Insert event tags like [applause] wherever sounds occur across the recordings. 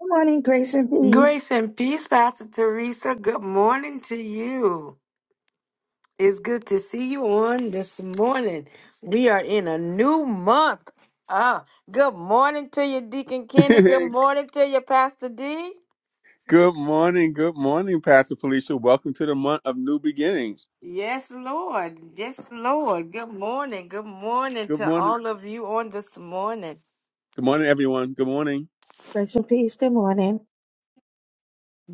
Good morning, grace and peace. Grace and peace, Pastor Teresa. Good morning to you. It's good to see you on this morning. We are in a new month. Ah, good morning to you, Deacon Kenny. Good [laughs] morning to you, Pastor D. good morning, good morning, Pastor Felicia. Welcome to the month of new beginnings. Yes, Lord. Yes, Lord. Good morning. Good morning Good to morning, all of you on this morning. good morning, everyone. Good morning. Grace and peace. Good morning.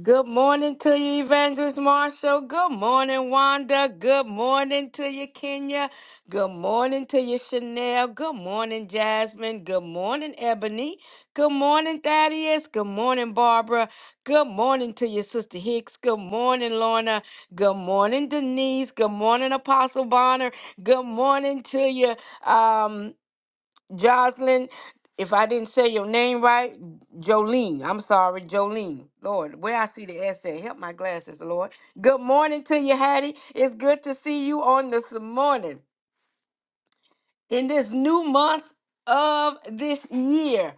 Good morning to you, Evangelist Marshall. Good morning, Wanda. Good morning to you, Kenya. Good morning to you, Chanel. Good morning, Jasmine. Good morning, Ebony. Good morning, Thaddeus. Good morning, Barbara. Good morning to you, sister Hicks. Good morning, Lorna. Good morning, Denise. Good morning, Apostle Bonner. Good morning to you. um, Jocelyn, if I didn't say your name right, Jolene. I'm sorry, Jolene. Lord, where I see the S at, help my glasses, Lord. Good morning to you, Hattie. It's good to see you on this morning in this new month of this year.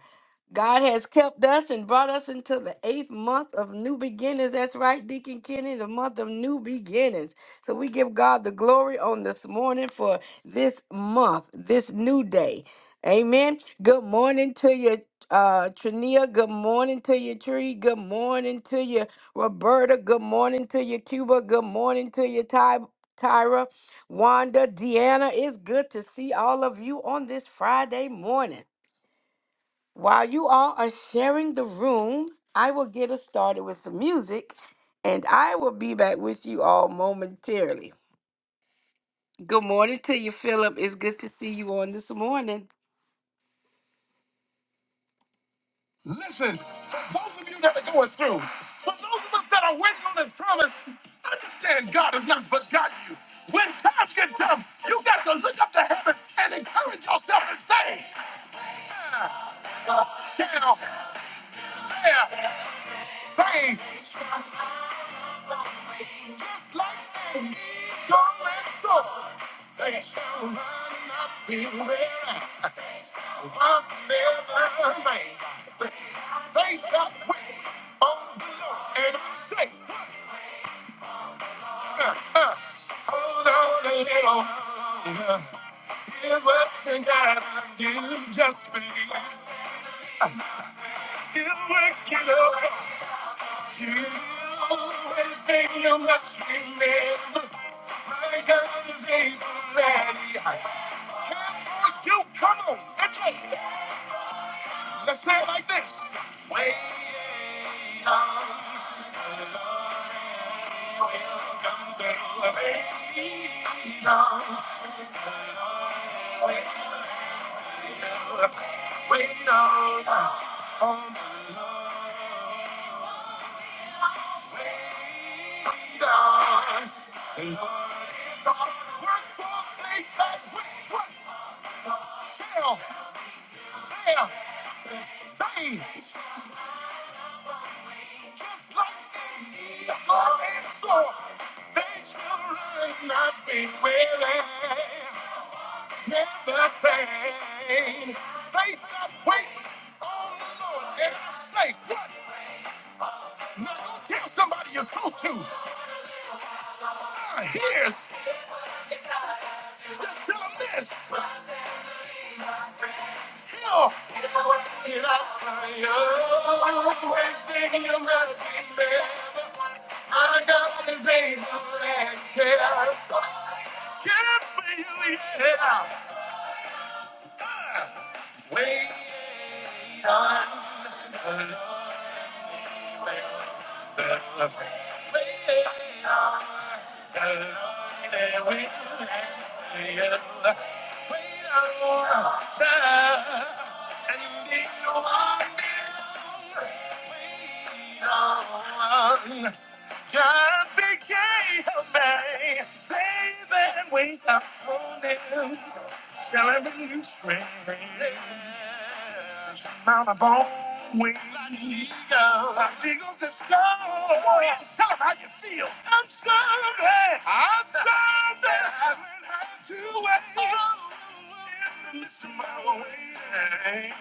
God has kept us and brought us into the eighth month of new beginnings. That's right, Deacon Kenny, the month of new beginnings. So we give God the glory on this morning for this month, this new day. Amen. Good morning to you, uh, Trania. Good morning to you, Tree. Good morning to you, Roberta. Good morning to you, Cuba. Good morning to you, Ty- Tyra. Wanda, Deanna, it's good to see all of you on this Friday morning. While you all are sharing the room, I will get us started with some music and I will be back with you all momentarily. Good morning to you, Philip. It's good to see you on this morning. Listen, for those of you that are going through, for those of us that are waiting on His promise, understand God has not forgotten you. When times get tough, you got to look up to heaven and encourage yourself and say, down, there, thing. Just like that, so and so. They shall run and not be weary. They shall walk and never faint. They that wait on the Lord, and I say, uh, uh, hold on a little longer. Here's what you gotta do, just believe. Here's what you know. You and then you must remember my God is able and he can for you. Come on, that's it. Let's say it like this. Wait on, welcome through. Wait on, wait on, wait on, on the wait on. The Lord is on the work for me. That's what There, they shall just like the evil and so they shall run, not be weary, never faint. Say that wait on the Lord, and I say what? Now go tell somebody you go to. I hears. Just tell them this. I fire, you got this baby and chaos. Can't feel it. yeah. Wait on, the wait Shall I bring you strength? Mount a of all wings. My eagles My eagles have soared. Come on, y'all, Tell them how you feel. I'm soaring. I'm [laughs] soaring. I learned how to wait. Oh, In the midst of my waiting. I'm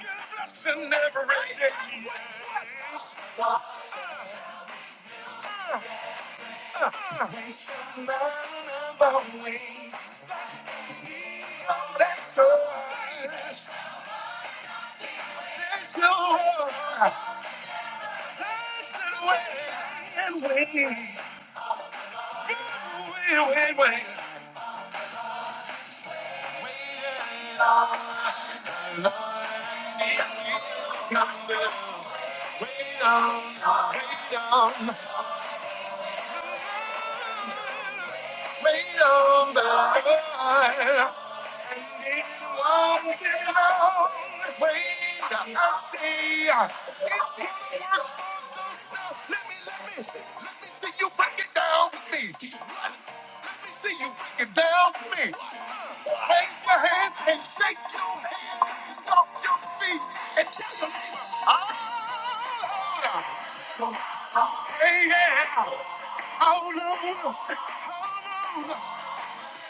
your blessing every day. Uh, we shall Mount of all wings. Oh, that's so. That's so. Take it away and wait. Wait, wait, wait, wait it off. I need you, wait on, wait on, wait on the light. Long, long way to go. Stay. Let me see you break it down for me. Let me see you break it down for me. Raise your hands and shake your feet and tell your neighbor, I'm holding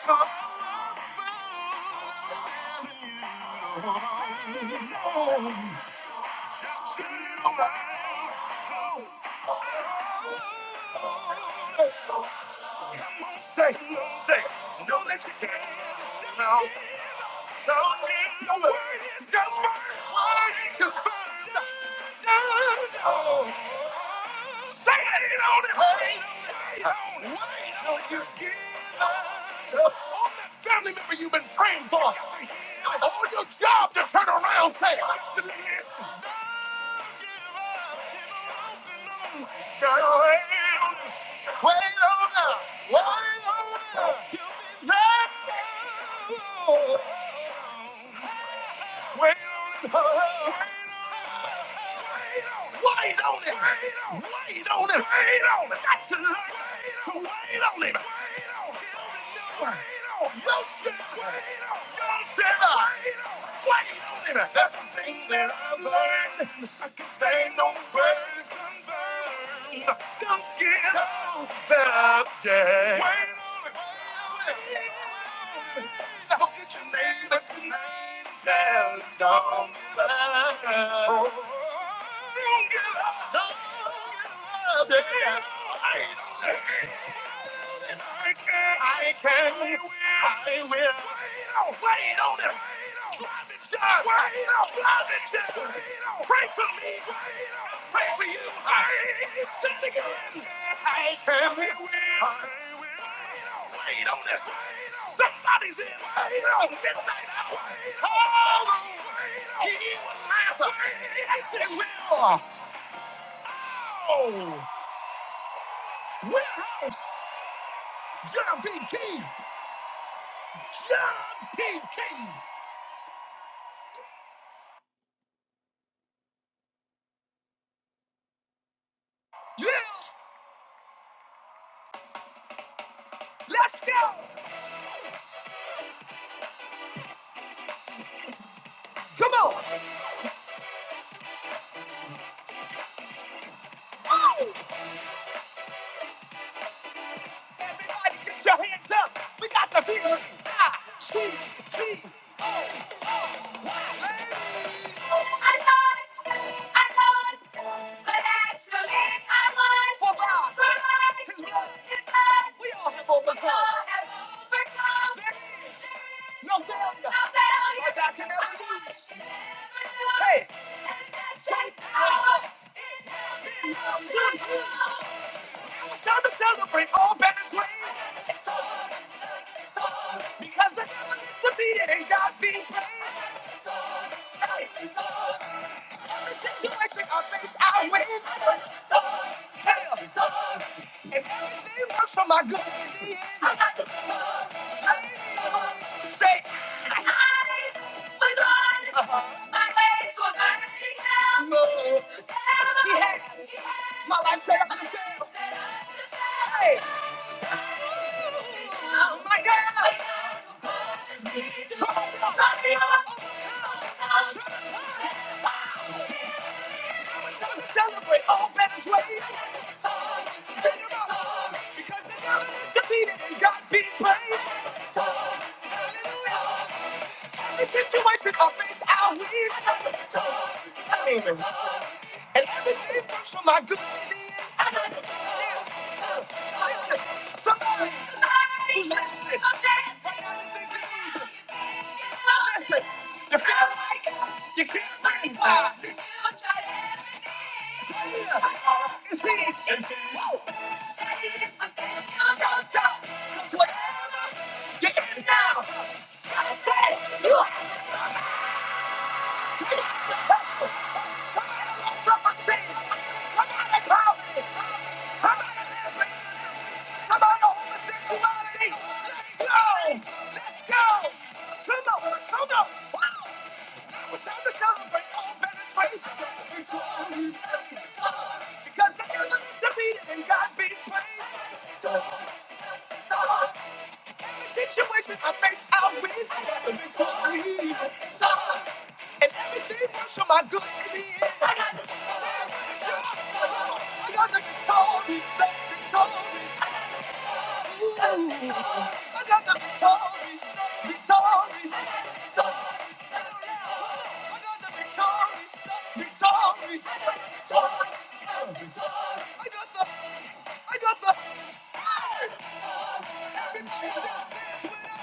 on. Yeah, holding on. Say, say, know that you can. No, no need no word. It's your word. Word confirmed. No, no. Say it on it, honey. Why don't you give up. All that family member you've been praying for. All your job to turn around. Say, listen. Gotta wait on it, wait on it, wait on it. Till we meet again. Wait on it. Wait on it. Wait on it. Wait on it. Wait on it. Wait on it. Got to learn to wait on it. No shit. No shit. Wait on it. That's the thing that I've learned, I can say no words. Don't give up, yeah. Wait on it, wait on it, wait on it. I'll get your name, but tonight it's all mine. Don't give up, don't give up, yeah. I can, I can, I will. Wait on, wait on him. it Wait on, drive it Pray for me. Pray for you. I sin again. I can, I will. Wait on him. Somebody's in. Wait midnight hour. Hold on. He was Lazarus. Yes, it will. Oh, warehouse. John P. Key. John King. Yeah, let's go. Oh, everybody get your hands up. We got the beat. Ah, T, T, O, O. Hey! Hey! It's time to celebrate all Baptist ways. It's all, it's all. Because the devil is defeated and God be praised. It's all, it's all. Every situation I face, I win. I put the sword, the sword. If everything works for my good, in the end, I got the sword. I got the sword. Say, I was on my way to a fantasy castle. He had, he had my life set up to fail. Hey, oh my God! The sword is me to strike me down. Time to celebrate all Betty's ways. Beat 'em up. Because the devil is defeated and God be praised. Hallelujah. Every situation I face, I win. I mean, and everything works for my good. in the end. I got it. Yeah. Listen, Somebody who's listening, right now you think you losing. Listen, you feel like you can't win. Why? Yeah. It's here. It's here. Whoa. Don't doubt, 'cause whatever you're in now, I said, Situation I face, I'll win. I have a victory. And everything works for my good in the end. I got the victory. I got the victory. Victory. I got the victory. Victory. I got the victory. Victory. I got the. I got the. Everybody just dance when I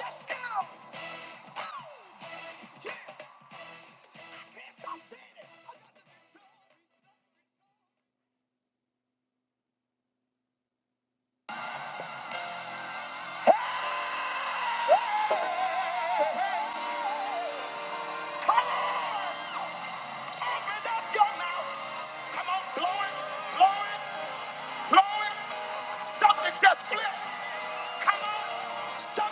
Let's go! Come on, open up your mouth. Come on, blow it, blow it, blow it. Something just flipped. Come on,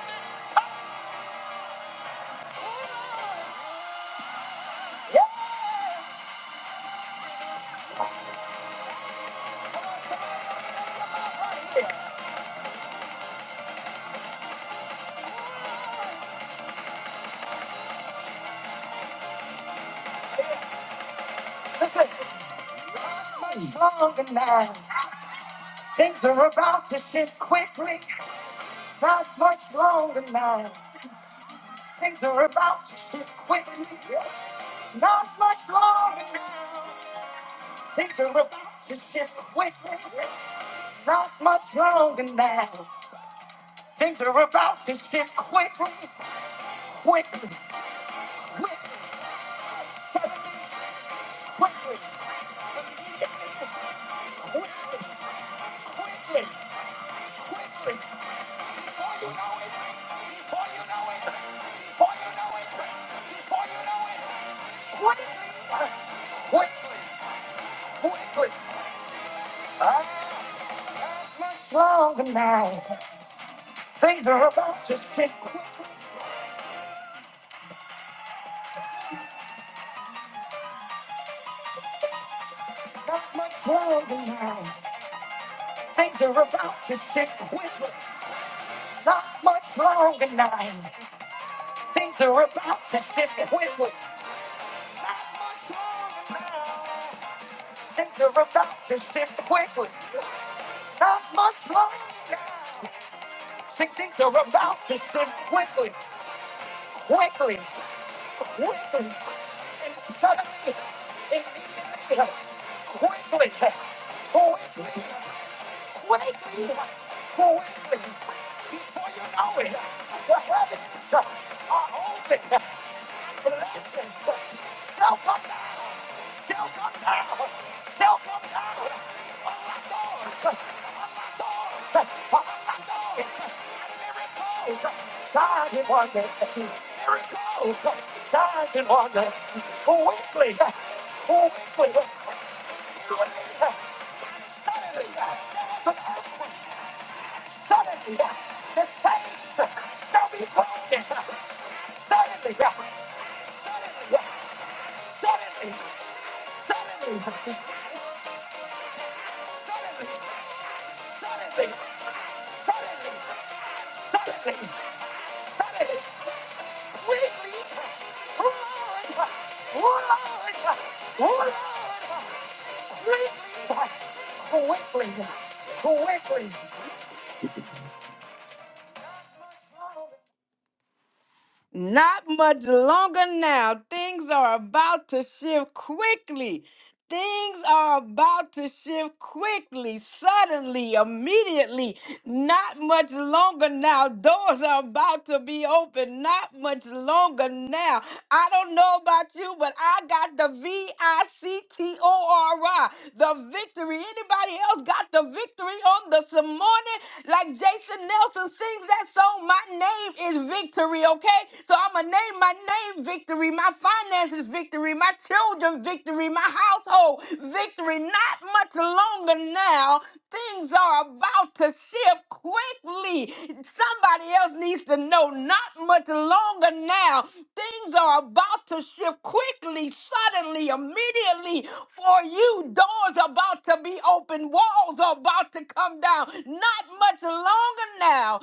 something. Much longer now. Things are about to shift quickly. Not much longer now. Things are about to shift quickly. Not much longer now. Things are about to shift quickly. Not much longer now. Things are about to shift quickly, quickly, quickly, quickly, quickly, quickly, quickly. Before you know it, quickly, quickly. Stronger now. Things are about to shift quickly. Not much longer now. Things are about to shift quickly. Not much longer now. Things are about to shift quickly. Things are about to shift quickly. Not much longer now. Things are about to shift quickly. quickly, quickly, and suddenly, immediately, quickly, quickly, quickly, quickly, before you know it, the heavens are open. Blessings shall come down, shall come down, shall come down. Doors, doors are God in wonder. Miracles. God in wonder. Quickly. Quickly. Suddenly. Suddenly. The chains shall be broken. Suddenly. Suddenly. Suddenly. Suddenly. Suddenly. Suddenly. Suddenly. Suddenly. Quickly. Lord. Lord. Lord. quickly, quickly. Not much longer now. Things are about to shift quickly. Things are about to shift quickly, suddenly, immediately. Not much longer now. Doors are about to be open. Not much longer now. I don't know about you, but I got the V I C T O R I, the victory. Anybody else got the victory on this morning? Like Jason Nelson sings that song, My Name is victory, okay? So I'm going to name my name victory, my finances victory, my children victory, my household victory. Not much longer now. Things are about to shift quickly. Somebody else needs to know, not much longer now. Things are about to shift quickly, suddenly, immediately for you. Doors are about to be open, walls are about to come down. Not much longer now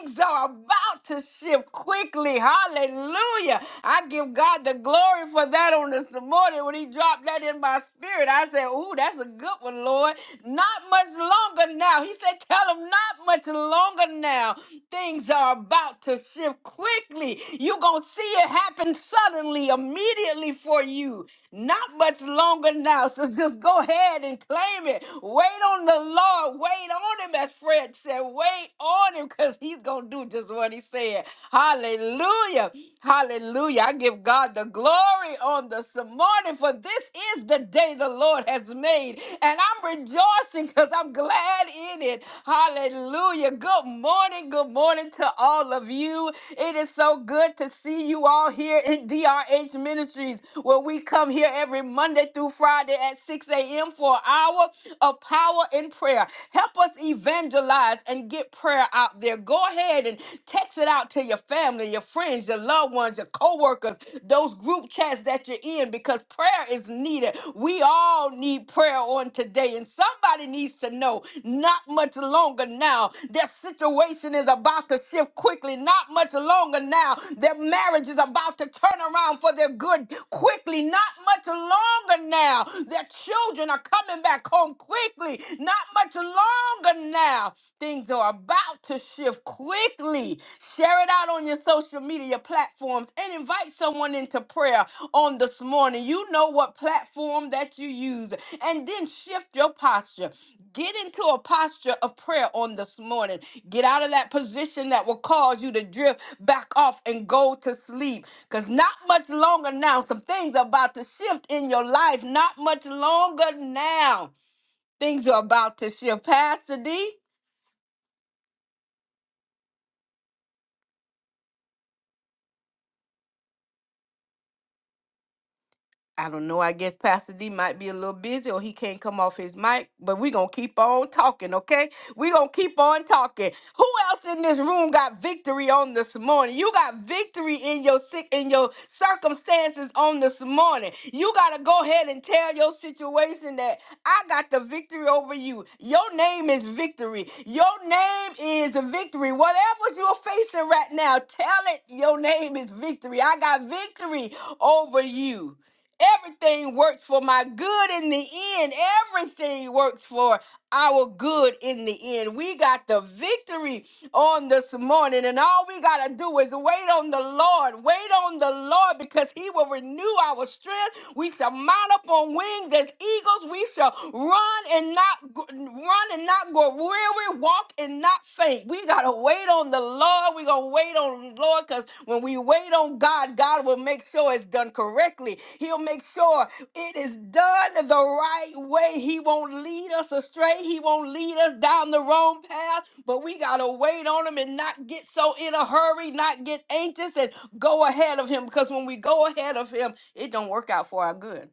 things are about to shift quickly. Hallelujah. I give God the glory for that on this morning when he dropped that in my spirit. I said, Ooh, that's a good one, Lord. Not much longer now. He said, Tell him not much longer now. Things are about to shift quickly. You're going to see it happen suddenly, immediately for you. Not much longer now. So just go ahead and claim it. Wait on the Lord. Wait on him, as Fred said. Wait wait on him because he's going to do just what he said. Hallelujah. Hallelujah. I give God the glory on this morning, for this is the day the Lord has made. And I'm rejoicing because I'm glad in it. Hallelujah. Good morning. Good morning to all of you. It is so good to see you all here in DRH Ministries, where we come here every Monday through Friday at 6 a.m. for an hour of power and prayer. Help us evaluate evangelize and get prayer out there. Go ahead and text it out to your family, your friends, your loved ones, your coworkers, those group chats that you're in because prayer is needed. We all need prayer on today and somebody needs to know not much longer now. Their situation is about to shift quickly. Not much longer now. Their marriage is about to turn around for their good quickly. Not much longer now. Their children are coming back home quickly. Not not much longer now. Things are about to shift quickly. Share it out on your social media platforms and invite someone into prayer on this morning. You know what platform that you use, and then shift your posture. Get into a posture of prayer on this morning. Get out of that position that will cause you to drift back off and go to sleep. Because not much longer now, some things are about to shift in your life. Not much longer now. Things are about to shift. Pastor D, I don't know. I guess Pastor D might be a little busy or he can't come off his mic, but we're going to keep on talking, okay? We're going to keep on talking. Who else in this room got victory on this morning? You got victory in your sick in your circumstances on this morning. You got to go ahead and tell your situation that I got the victory over you. Your name is victory. Your name is victory. Whatever you're facing right now, tell it your name is victory. I got victory over you. Everything works for my good in the end. Everything works for our good in the end. We got the victory on this morning, and all we got to do is wait on the Lord. Wait on the Lord because He will renew our strength. We shall mount up on wings as eagles. We shall run and not run and not go weary, walk and not faint. We gotta wait on the Lord. We gonna wait on the Lord because when we wait on God, God will make sure it's done correctly. He'll make sure it is done the right way. He won't lead us astray. He won't lead us down the wrong path. But we gotta wait on Him and not get so in a hurry, not get anxious, and go ahead of Him. Because when we go ahead of Him, it don't work out for our good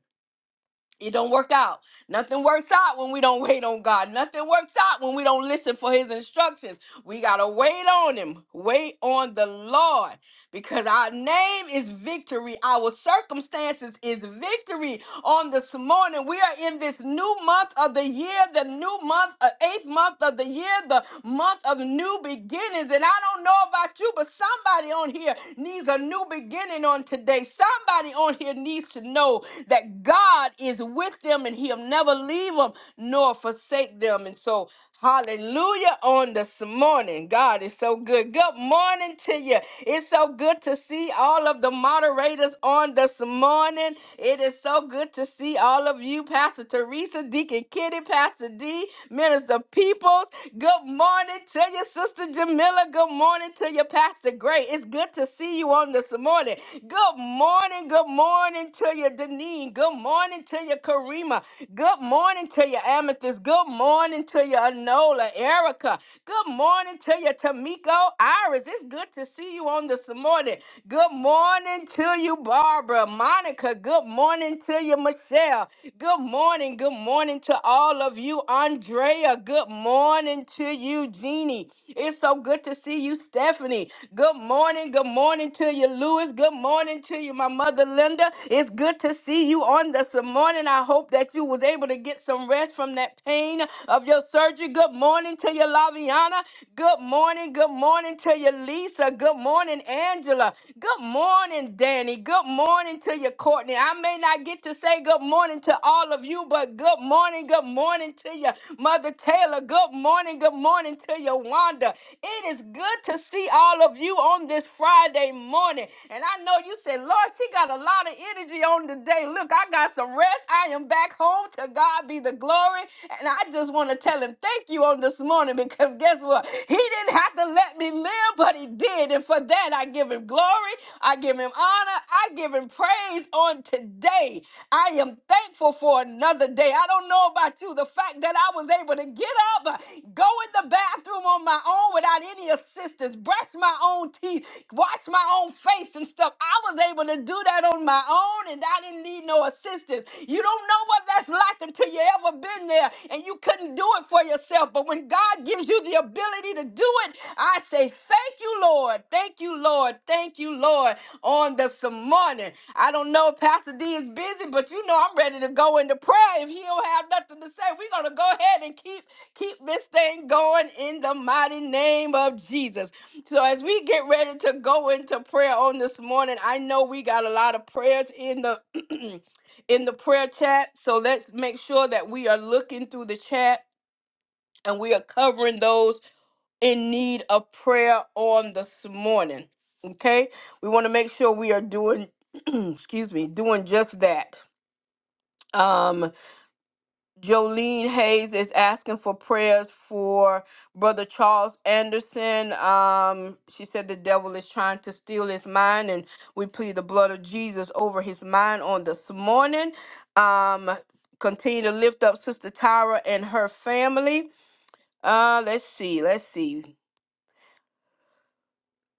it don't work out. Nothing works out when we don't wait on God. Nothing works out when we don't listen for his instructions. We got to wait on him. Wait on the Lord because our name is victory. Our circumstances is victory. On this morning, we are in this new month of the year, the new month, uh, eighth month of the year, the month of new beginnings. And I don't know about you, but somebody on here needs a new beginning on today. Somebody on here needs to know that God is is with them and he'll never leave them nor forsake them. And so, hallelujah on this morning. God is so good. Good morning to you. It's so good to see all of the moderators on this morning. It is so good to see all of you, Pastor Teresa, Deacon Kitty, Pastor D, Minister Peoples. Good morning to you, Sister Jamila. Good morning to you, Pastor Gray. It's good to see you on this morning. Good morning. Good morning to you, Deneen. Good morning morning to you, Karima. Good morning to you, Amethyst. Good morning to you, Anola, Erica. Good morning to you, Tamiko, Iris. It's good to see you on this morning. Good morning to you, Barbara, Monica. Good morning to you, Michelle. Good morning. Good morning to all of you, Andrea. Good morning to you, Jeannie. It's so good to see you, Stephanie. Good morning. Good morning to you, Lewis. Good morning to you, my mother, Linda. It's good to see you on the this morning. I hope that you was able to get some rest from that pain of your surgery. Good morning to you, Laviana. Good morning. Good morning to you, Lisa. Good morning, Angela. Good morning, Danny. Good morning to you, Courtney. I may not get to say good morning to all of you, but good morning. Good morning to you, Mother Taylor. Good morning. Good morning to you, Wanda. It is good to see all of you on this Friday morning. And I know you said, Lord, she got a lot of energy on the day. Look, I got find some rest. I am back home. To God be the glory. And I just want to tell him thank you on this morning because guess what? He didn't have to let me live, but he did. And for that, I give him glory. I give him honor. I give him praise on today. I am thankful for another day. I don't know about you. The fact that I was able to get up, uh, go in the bathroom on my own without any assistance, brush my own teeth, wash my own face and stuff. I was able to do that on my own and I didn't need no assistance. You don't know what that's like until you ever been there and you couldn't do it for yourself. But when God gives you the ability to do it, I say, Thank you, Lord. Thank you, Lord. Thank you, Lord. On this morning, I don't know if Pastor D is busy, but you know I'm ready to go into prayer. If he don't have nothing to say, we're gonna go ahead and keep keep this thing going in the mighty name of Jesus. So as we get ready to go into prayer on this morning, I know we got a lot of prayers in the [clears throat] in the prayer chat. So let's make sure that we are looking through the chat and we are covering those in need of prayer on this morning. Okay? We want to make sure we are doing [clears throat] excuse me, doing just that. Um Jolene Hayes is asking for prayers for Brother Charles Anderson. Um, she said the devil is trying to steal his mind, and we plead the blood of Jesus over his mind on this morning. Um, continue to lift up Sister Tyra and her family. Uh, let's see, let's see.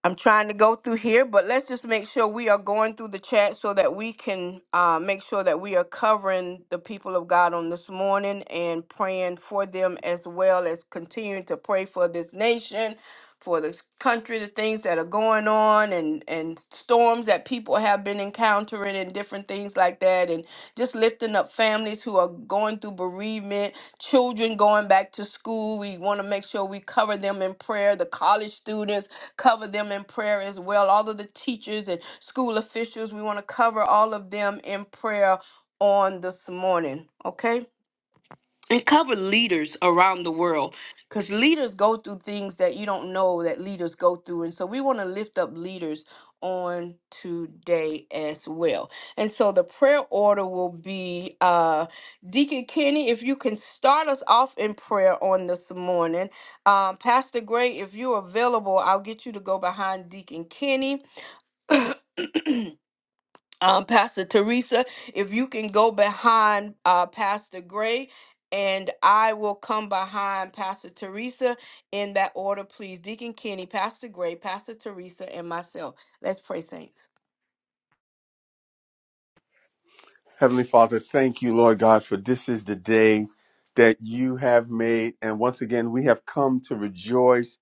I'm trying to go through here, but let's just make sure we are going through the chat so that we can uh, make sure that we are covering the people of God on this morning and praying for them as well as continuing to pray for this nation, for this country, the things that are going on and, and storms that people have been encountering altering and different things like that, and just lifting up families who are going through bereavement, children going back to school. We want to make sure we cover them in prayer. The college students cover them in prayer as well. All of the teachers and school officials, we want to cover all of them in prayer on this morning. Okay and cover leaders around the world because leaders go through things that you don't know that leaders go through and so we want to lift up leaders on today as well and so the prayer order will be uh deacon kenny if you can start us off in prayer on this morning um pastor gray if you're available i'll get you to go behind deacon kenny um, Pastor Teresa, if you can go behind uh, Pastor Gray, and I will come behind Pastor Teresa in that order, please. Deacon Kenny, Pastor Gray, Pastor Teresa, and myself. Let's pray, saints. Heavenly Father, thank you, Lord God, for this is the day that you have made. And once again, we have come to rejoice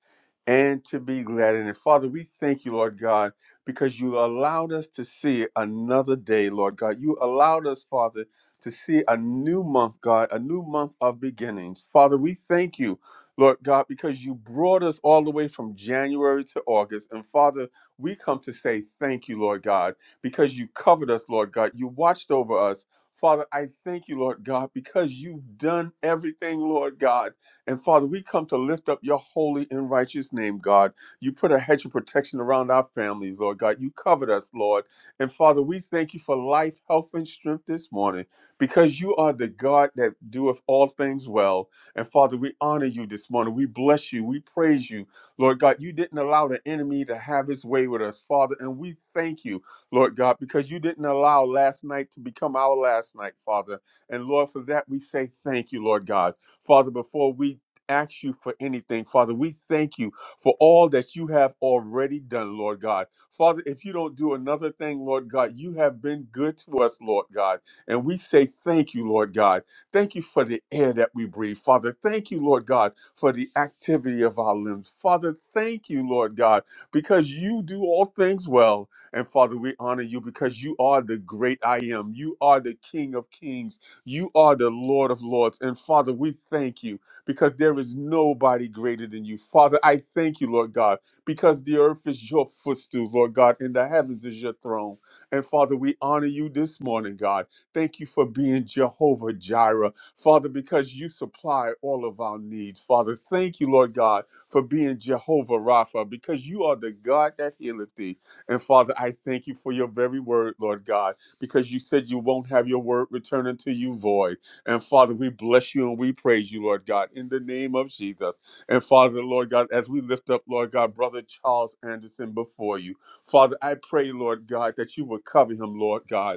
and to be glad in it. Father, we thank you, Lord God, because you allowed us to see another day, Lord God. You allowed us, Father, to see a new month, God, a new month of beginnings. Father, we thank you, Lord God, because you brought us all the way from January to August. And Father, we come to say thank you, Lord God because you covered us, Lord God. You watched over us. Father, I thank you, Lord God, because you've done everything, Lord God. And Father, we come to lift up your holy and righteous name, God. You put a hedge of protection around our families, Lord God. You covered us, Lord. And Father, we thank you for life, health, and strength this morning because you are the God that doeth all things well. And Father, we honor you this morning. We bless you. We praise you. Lord God, you didn't allow the enemy to have his way with us, Father. And we thank you. Lord God, because you didn't allow last night to become our last night, Father. And Lord, for that we say thank you, Lord God. Father, before we ask you for anything, Father, we thank you for all that you have already done, Lord God. Father, if you don't do another thing, Lord God, you have been good to us, Lord God. And we say thank you, Lord God. Thank you for the air that we breathe, Father. Thank you, Lord God, for the activity of our limbs. Father, thank you, Lord God, because you do all things well. And Father, we honor you because you are the great I am. You are the King of kings. You are the Lord of lords. And Father, we thank you because there is nobody greater than you. Father, I thank you, Lord God, because the earth is your footstool, Lord God, and the heavens is your throne. And Father, we honor you this morning, God. Thank you for being Jehovah Jireh, Father, because you supply all of our needs. Father, thank you, Lord God, for being Jehovah Rapha, because you are the God that healeth thee. And Father, I thank you for your very word, Lord God, because you said you won't have your word return unto you void. And Father, we bless you and we praise you, Lord God, in the name of Jesus. And Father, Lord God, as we lift up, Lord God, Brother Charles Anderson before you, Father, I pray, Lord God, that you would cover him, Lord God.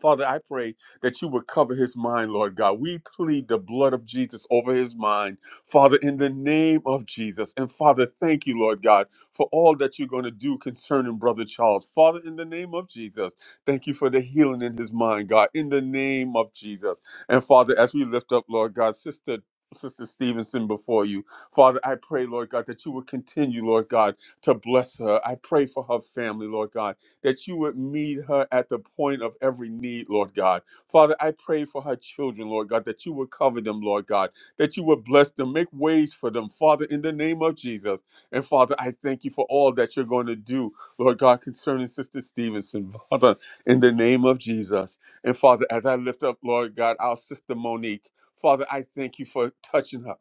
Father, I pray that you would cover his mind, Lord God. We plead the blood of Jesus over his mind, Father, in the name of Jesus. And Father, thank you, Lord God, for all that you're going to do concerning Brother Charles. Father, in the name of Jesus, thank you for the healing in his mind, God, in the name of Jesus. And Father, as we lift up, Lord God, Sister. Sister Stevenson, before you. Father, I pray, Lord God, that you would continue, Lord God, to bless her. I pray for her family, Lord God that you would meet her at the point of every need, Lord God. Father, I pray for her children, Lord God, that you would cover them, Lord God, that you would bless them, make ways for them, Father, in the name of Jesus. And Father, I thank you for all that you're going to do, Lord God, concerning Sister Stevenson, Father, in the name of Jesus. And Father, as I lift up, Lord God, our sister Monique, Father, I thank you for touching her.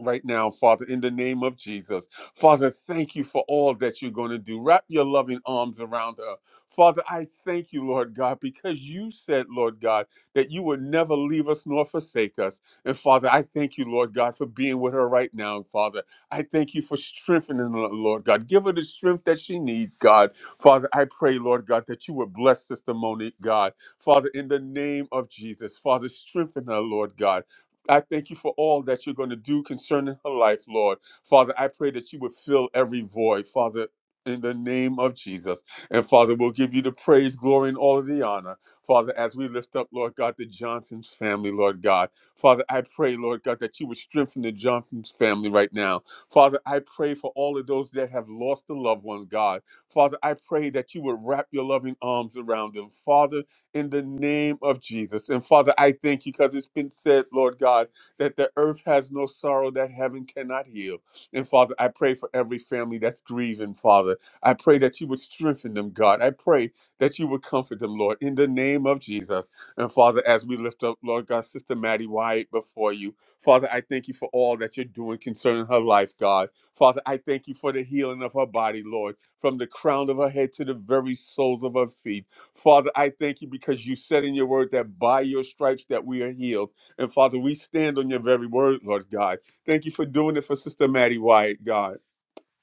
Right now, Father, in the name of Jesus. Father, thank you for all that you're going to do. Wrap your loving arms around her. Father, I thank you, Lord God, because you said, Lord God, that you would never leave us nor forsake us. And Father, I thank you, Lord God, for being with her right now, Father. I thank you for strengthening her, Lord God. Give her the strength that she needs, God. Father, I pray, Lord God, that you would bless Sister Monique, God. Father, in the name of Jesus, Father, strengthen her, Lord God. I thank you for all that you're going to do concerning her life, Lord. Father, I pray that you would fill every void, Father, in the name of Jesus. And Father, we'll give you the praise, glory, and all of the honor. Father, as we lift up, Lord God, the Johnson's family, Lord God. Father, I pray, Lord God, that you would strengthen the Johnson's family right now. Father, I pray for all of those that have lost a loved one, God. Father, I pray that you would wrap your loving arms around them, Father, in the name of Jesus. And Father, I thank you because it's been said, Lord God, that the earth has no sorrow that heaven cannot heal. And Father, I pray for every family that's grieving, Father. I pray that you would strengthen them, God. I pray that you would comfort them, Lord, in the name of Jesus. And Father, as we lift up, Lord God, Sister Maddie White before you, Father, I thank you for all that you're doing concerning her life, God. Father, I thank you for the healing of her body, Lord, from the crown of her head to the very soles of her feet. Father, I thank you because you said in your word that by your stripes that we are healed. And Father, we stand on your very word, Lord God. Thank you for doing it for Sister Maddie White, God.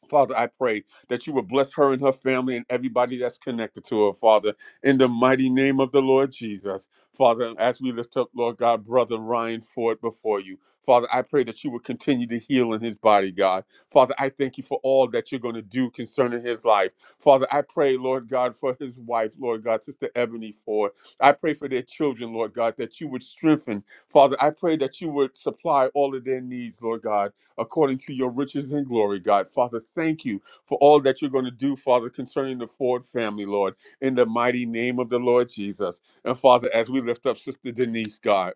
Father, I pray that you would bless her and her family and everybody that's connected to her, Father, in the mighty name of the Lord Jesus. Father, as we lift up, Lord God, brother Ryan Ford before you, Father, I pray that you would continue to heal in his body, God. Father, I thank you for all that you're going to do concerning his life. Father, I pray, Lord God, for his wife, Lord God, Sister Ebony Ford. I pray for their children, Lord God, that you would strengthen. Father, I pray that you would supply all of their needs, Lord God according to your riches and glory, God. Father, thank you for all that you're going to do, Father, concerning the Ford family, Lord, in the mighty name of the Lord Jesus. And Father, as we lift up Sister Denise, God.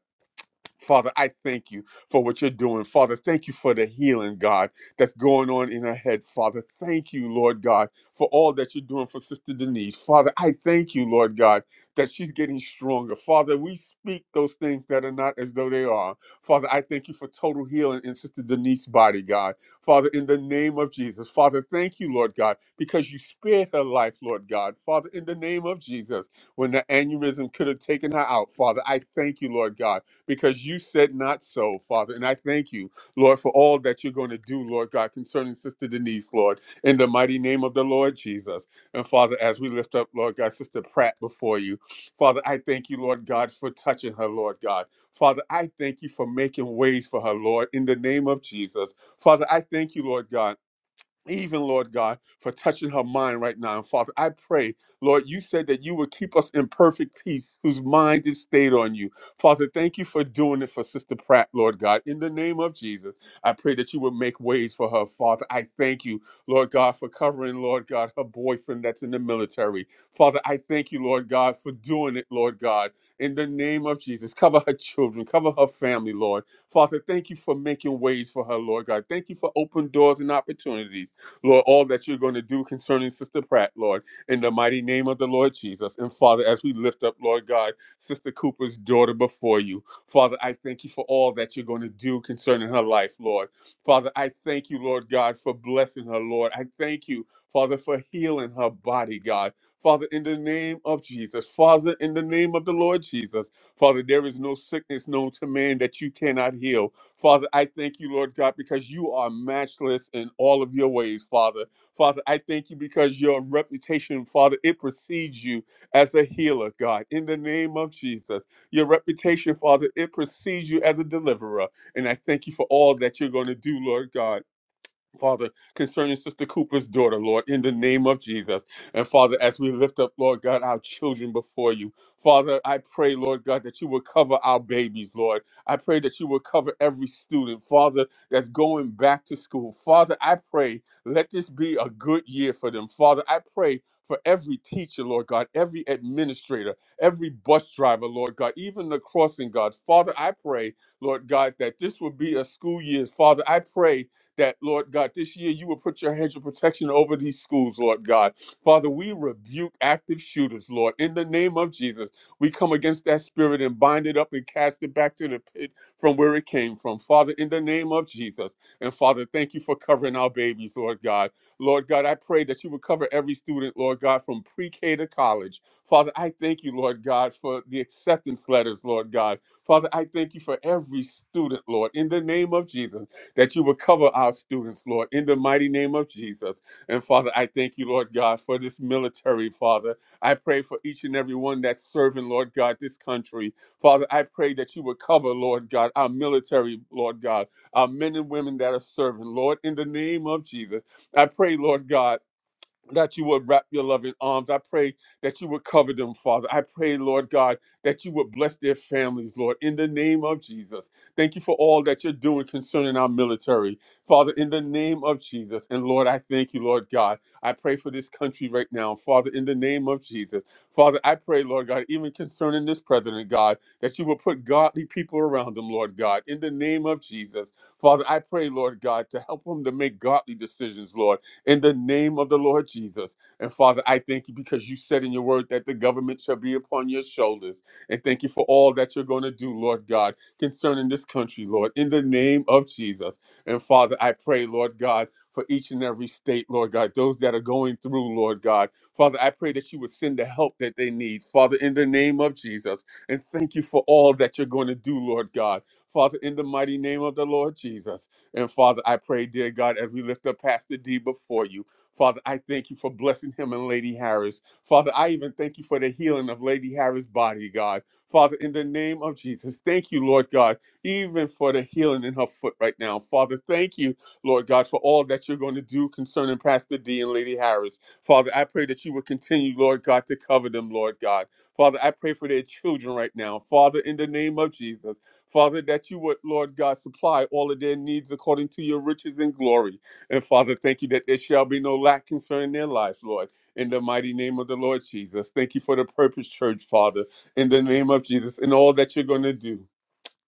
Father, I thank you for what you're doing. Father, thank you for the healing, God, that's going on in her head. Father, thank you, Lord God, for all that you're doing for Sister Denise. Father, I thank you, Lord God, that she's getting stronger. Father, we speak those things that are not as though they are. Father, I thank you for total healing in Sister Denise's body, God. Father, in the name of Jesus. Father, thank you, Lord God, because you spared her life, Lord God. Father, in the name of Jesus, when the aneurysm could have taken her out, Father, I thank you, Lord God because you said not so, Father. And I thank you, Lord, for all that you're going to do, Lord God, concerning Sister Denise, Lord, in the mighty name of the Lord Jesus. And Father, as we lift up, Lord God, Sister Pratt before you, Father, I thank you, Lord God, for touching her, Lord God. Father, I thank you for making ways for her, Lord, in the name of Jesus. Father, I thank you, Lord God even Lord God, for touching her mind right now. And Father, I pray, Lord, you said that you would keep us in perfect peace, whose mind is stayed on you. Father, thank you for doing it for Sister Pratt, Lord God. In the name of Jesus, I pray that you would make ways for her, Father. I thank you, Lord God, for covering, Lord God, her boyfriend that's in the military. Father, I thank you, Lord God, for doing it, Lord God. In the name of Jesus, cover her children, cover her family, Lord. Father, thank you for making ways for her, Lord God. Thank you for open doors and opportunities. Lord, all that you're going to do concerning Sister Pratt, Lord, in the mighty name of the Lord Jesus. And Father, as we lift up, Lord God, Sister Cooper's daughter before you, Father, I thank you for all that you're going to do concerning her life, Lord. Father, I thank you, Lord God, for blessing her, Lord. I thank you, Father, for healing her body, God. Father, in the name of Jesus, Father, in the name of the Lord Jesus, Father, there is no sickness known to man that you cannot heal. Father, I thank you, Lord God, because you are matchless in all of your ways, Father. Father, I thank you because your reputation, Father, it precedes you as a healer, God, in the name of Jesus. Your reputation, Father, it precedes you as a deliverer. And I thank you for all that you're going to do, Lord God. Father, concerning Sister Cooper's daughter, Lord, in the name of Jesus. And Father, as we lift up, Lord God, our children before you, Father, I pray, Lord God, that you will cover our babies, Lord. I pray that you will cover every student, Father, that's going back to school. Father, I pray, let this be a good year for them. Father, I pray. For every teacher, Lord God, every administrator, every bus driver, Lord God, even the crossing guards. Father, I pray, Lord God, that this will be a school year. Father, I pray that, Lord God, this year you will put your hedge of protection over these schools, Lord God. Father, we rebuke active shooters, Lord, in the name of Jesus. We come against that spirit and bind it up and cast it back to the pit from where it came from. Father, in the name of Jesus. And Father, thank you for covering our babies, Lord God. Lord God, I pray that you would cover every student, Lord God, from pre K to college. Father, I thank you, Lord God, for the acceptance letters, Lord God. Father, I thank you for every student, Lord, in the name of Jesus that you would cover our students, Lord, in the mighty name of Jesus. And Father, I thank you, Lord God, for this military, Father. I pray for each and every one that's serving, Lord God, this country. Father, I pray that you would cover, Lord God, our military, Lord God, our men and women that are serving, Lord, in the name of Jesus. I pray, Lord God that you would wrap your loving arms. I pray that you would cover them, Father. I pray, Lord God, that you would bless their families, Lord, in the name of Jesus. Thank you for all that you're doing concerning our military, Father, in the name of Jesus. And Lord, I thank you, Lord God. I pray for this country right now, Father, in the name of Jesus. Father, I pray, Lord God, even concerning this president, God, that you will put godly people around them, Lord God, in the name of Jesus. Father, I pray, Lord God, to help them to make godly decisions, Lord in the name of the Lord Jesus. And Father, I thank you because you said in your word that the government shall be upon your shoulders. And thank you for all that you're going to do, Lord God, concerning this country, Lord, in the name of Jesus. And Father, I pray, Lord God, for each and every state, Lord God, those that are going through, Lord God. Father, I pray that you would send the help that they need, Father, in the name of Jesus. And thank you for all that you're going to do, Lord God. Father, in the mighty name of the Lord Jesus. And Father, I pray, dear God, as we lift up Pastor D before you, Father, I thank you for blessing him and Lady Harris. Father, I even thank you for the healing of Lady Harris' body, God. Father, in the name of Jesus, thank you, Lord God, even for the healing in her foot right now. Father, thank you, Lord God, for all that you're going to do concerning Pastor D and Lady Harris. Father, I pray that you will continue, Lord God, to cover them, Lord God. Father, I pray for their children right now. Father, in the name of Jesus. Father, that you would, Lord God, supply all of their needs according to your riches and glory. And Father, thank you that there shall be no lack concerning their lives, Lord, in the mighty name of the Lord Jesus. Thank you for the Purpose Church, Father, in the name of Jesus, and all that you're going to do.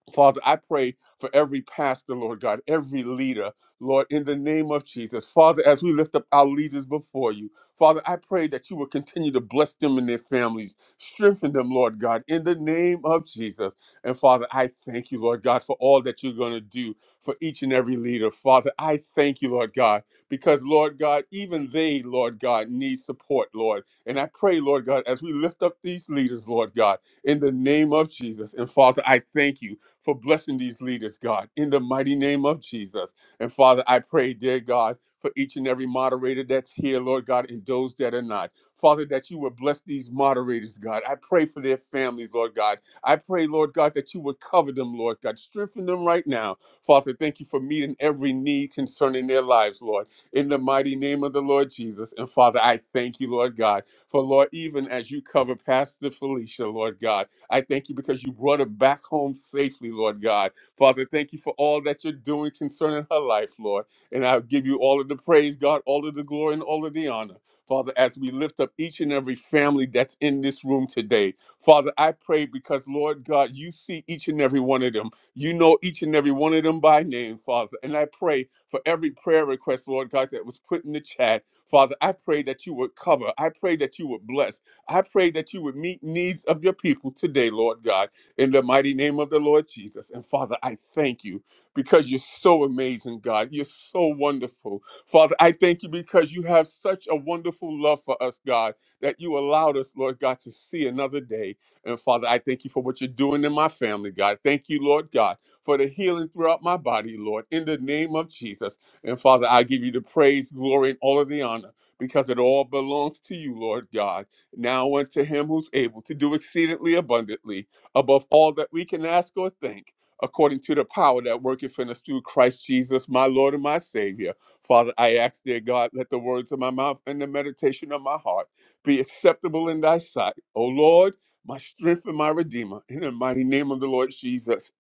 Father, I pray for every pastor, Lord God, every leader, Lord, in the name of Jesus. Father, as we lift up our leaders before you, Father, I pray that you will continue to bless them and their families, strengthen them, Lord God, in the name of Jesus. And Father, I thank you, Lord God, for all that you're going to do for each and every leader. Father, I thank you, Lord God, because, Lord God, even they, Lord God, need support, Lord. And I pray, Lord God, as we lift up these leaders, Lord God, in the name of Jesus. And Father, I thank you for blessing these leaders, God, in the mighty name of Jesus. And Father, I pray, dear God, for each and every moderator that's here, Lord God, and those that are not. Father, that you would bless these moderators, God. I pray for their families, Lord God. I pray, Lord God, that you would cover them, Lord God. Strengthen them right now. Father, thank you for meeting every need concerning their lives, Lord, in the mighty name of the Lord Jesus. And Father, I thank you, Lord God, for Lord, even as you cover Pastor Felicia, Lord God. I thank you because you brought her back home safely, Lord God. Father, thank you for all that you're doing concerning her life, Lord. And I give you all of the praise, God, all of the glory, and all of the honor. Father, as we lift up each and every family that's in this room today, Father, I pray because, Lord God, you see each and every one of them. You know each and every one of them by name, Father. And I pray for every prayer request, Lord God, that was put in the chat. Father, I pray that you would cover. I pray that you would bless. I pray that you would meet needs of your people today, Lord God, in the mighty name of the Lord Jesus. And Father, I thank you because you're so amazing, God. You're so wonderful. Father, I thank you because you have such a wonderful love for us, God, that you allowed us, Lord God, to see another day. And Father, I thank you for what you're doing in my family, God. Thank you, Lord God, for the healing throughout my body, Lord, in the name of Jesus. And Father, I give you the praise, glory, and all of the honor because it all belongs to you, Lord God. Now unto him who's able to do exceedingly abundantly above all that we can ask or think, according to the power that worketh in us through Christ Jesus, my Lord and my Savior. Father, I ask, dear God, let the words of my mouth and the meditation of my heart be acceptable in thy sight. O Lord, my strength and my redeemer, in the mighty name of the Lord Jesus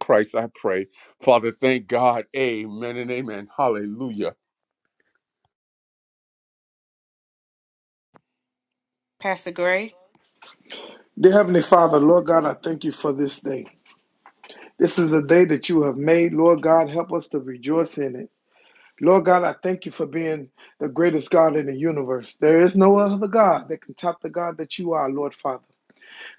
Christ, I pray. Father, thank God. Amen and amen. Hallelujah. Pastor Gray. Dear Heavenly Father, Lord God, I thank you for this day. This is a day that you have made. Lord God, help us to rejoice in it. Lord God, I thank you for being the greatest God in the universe. There is no other God that can top the God that you are, Lord Father.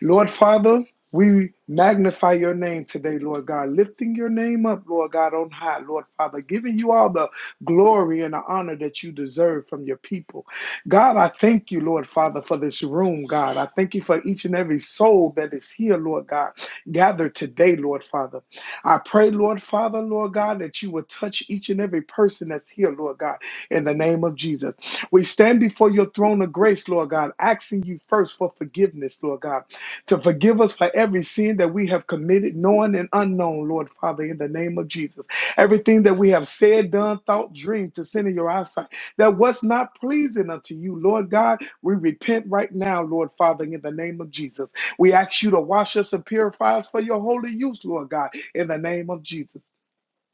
Lord Father, we magnify your name today, Lord God, lifting your name up, Lord God, on high, Lord Father, giving you all the glory and the honor that you deserve from your people. God, I thank you, Lord Father, for this room, God. I thank you for each and every soul that is here, Lord God, gathered today, Lord Father. I pray, Lord Father, Lord God, that you will touch each and every person that's here, Lord God, in the name of Jesus. We stand before your throne of grace, Lord God, asking you first for forgiveness, Lord God to forgive us for every sin that we have committed, known and unknown, Lord Father, in the name of Jesus. Everything that we have said, done, thought, dreamed to sin in your eyesight that was not pleasing unto you, Lord God, we repent right now, Lord Father, in the name of Jesus. We ask you to wash us and purify us for your holy use, Lord God, in the name of Jesus.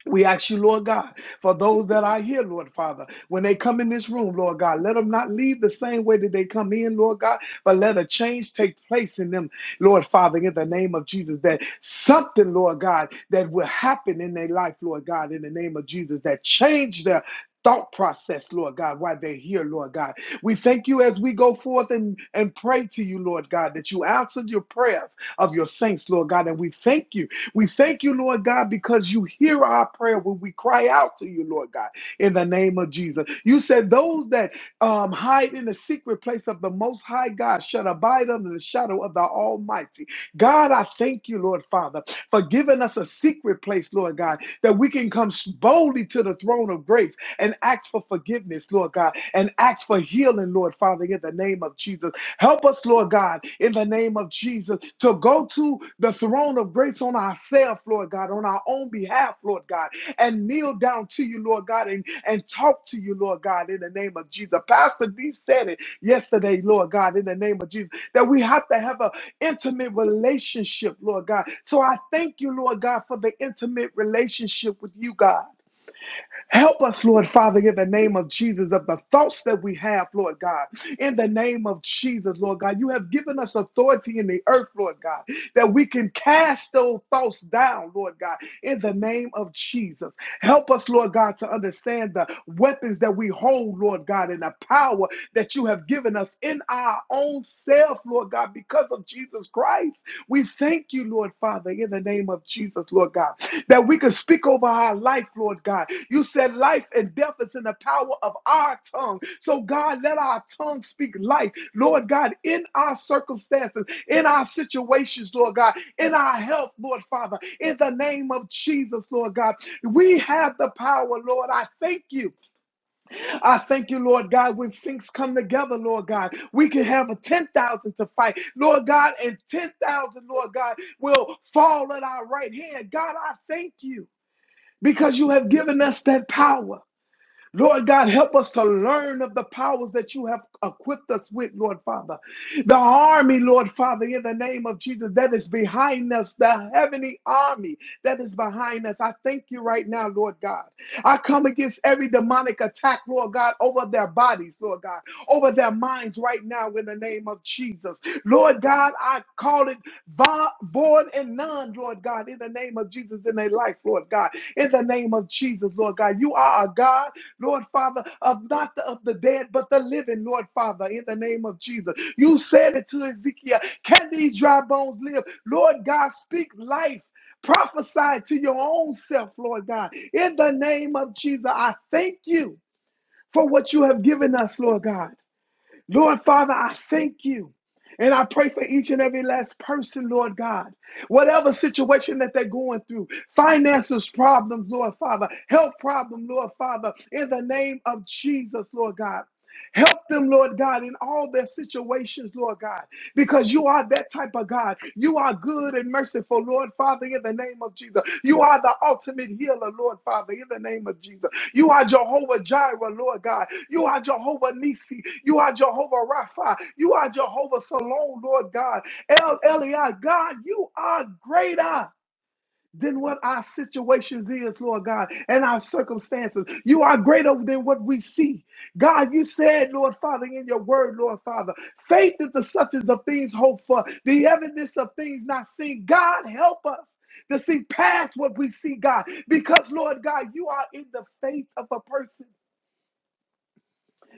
We ask you, Lord God, for those that are here, Lord Father, when they come in this room, Lord God, let them not leave the same way that they come in, Lord God, but let a change take place in them, Lord Father, in the name of Jesus, that something, Lord God, that will happen in their life, Lord God, in the name of Jesus, that change their thought process, Lord God, while they're here, Lord God. We thank you as we go forth and, and pray to you, Lord God, that you answered your prayers of your saints, Lord God, and we thank you. We thank you, Lord God, because you hear our prayer when we cry out to you, Lord God, in the name of Jesus. You said those that um, hide in the secret place of the Most High God shall abide under the shadow of the Almighty. God, I thank you, Lord Father, for giving us a secret place, Lord God, that we can come boldly to the throne of grace and ask for forgiveness, Lord God, and ask for healing, Lord Father, in the name of Jesus. Help us, Lord God, in the name of Jesus, to go to the throne of grace on ourselves, Lord God, on our own behalf, Lord God, and kneel down to you, Lord God, and, and talk to you, Lord God, in the name of Jesus. Pastor D said it yesterday, Lord God, in the name of Jesus, that we have to have an intimate relationship, Lord God. So I thank you, Lord God, for the intimate relationship with you, God. Help us, Lord Father, in the name of Jesus, of the thoughts that we have, Lord God. In the name of Jesus, Lord God, you have given us authority in the earth, Lord God, that we can cast those thoughts down, Lord God, in the name of Jesus. Help us, Lord God, to understand the weapons that we hold, Lord God, and the power that you have given us in our own self, Lord God, because of Jesus Christ. We thank you, Lord Father, in the name of Jesus, Lord God that we can speak over our life, Lord God. You said life and death is in the power of our tongue. So, God, let our tongue speak life, Lord God, in our circumstances, in our situations, Lord God, in our health, Lord Father, in the name of Jesus, Lord God. We have the power, Lord. I thank you. I thank you, Lord God, when things come together, Lord God. We can have a 10,000 to fight, Lord God, and 10,000, Lord God, will fall at our right hand. God, I thank you because you have given us that power. Lord God, help us to learn of the powers that you have equipped us with, Lord Father. The army, Lord Father, in the name of Jesus, that is behind us, the heavenly army that is behind us. I thank you right now, Lord God. I come against every demonic attack, Lord God, over their bodies, Lord God, over their minds right now in the name of Jesus. Lord God, I call it vo- void and none, Lord God, in the name of Jesus in their life, Lord God, in the name of Jesus, Lord God. You are a God. Lord Father, of not the, of the dead, but the living, Lord Father, in the name of Jesus. You said it to Ezekiel, can these dry bones live? Lord God, speak life. Prophesy to your own self, Lord God. In the name of Jesus, I thank you for what you have given us, Lord God. Lord Father, I thank you. And I pray for each and every last person, Lord God. Whatever situation that they're going through, finances problems, Lord Father, health problem, Lord Father, in the name of Jesus, Lord God. Help them, Lord God, in all their situations, Lord God, because you are that type of God. You are good and merciful, Lord Father, in the name of Jesus. You are the ultimate healer, Lord Father, in the name of Jesus. You are Jehovah Jireh, Lord God. You are Jehovah Nisi. You are Jehovah Rapha. You are Jehovah Salon, Lord God. El Elyon, God, you are greater than what our situations is, Lord God, and our circumstances. You are greater than what we see. God, you said, Lord Father, in your word, Lord Father, faith is the substance of things hoped for, the evidence of things not seen. God, help us. To see past what we see, God, because Lord God, you are in the faith of a person.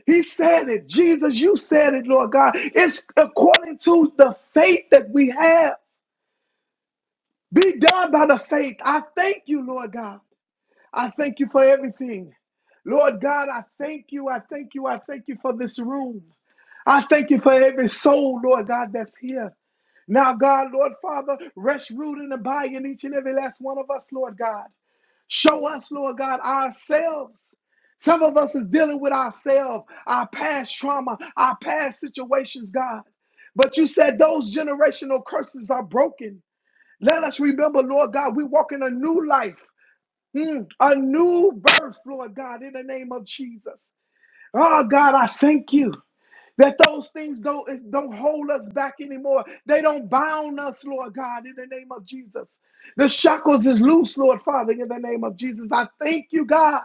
He said it. Jesus, you said it, Lord God. It's according to the faith that we have. Be done by the faith. I thank you, Lord God. I thank you for everything. Lord God, I thank you. I thank you. I thank you for this room. I thank you for every soul, Lord God, that's here. Now, God, Lord Father, rest, root, and abide in each and every last one of us, Lord God. Show us, Lord God, ourselves. Some of us is dealing with ourselves, our past trauma, our past situations, God. But you said those generational curses are broken. Let us remember, Lord God, we walk in a new life. Mm, a new birth, Lord God, in the name of Jesus. Oh God, I thank you that those things don't, is- don't hold us back anymore. They don't bound us, Lord God, in the name of Jesus. The shackles is loose, Lord Father, in the name of Jesus. I thank you, God,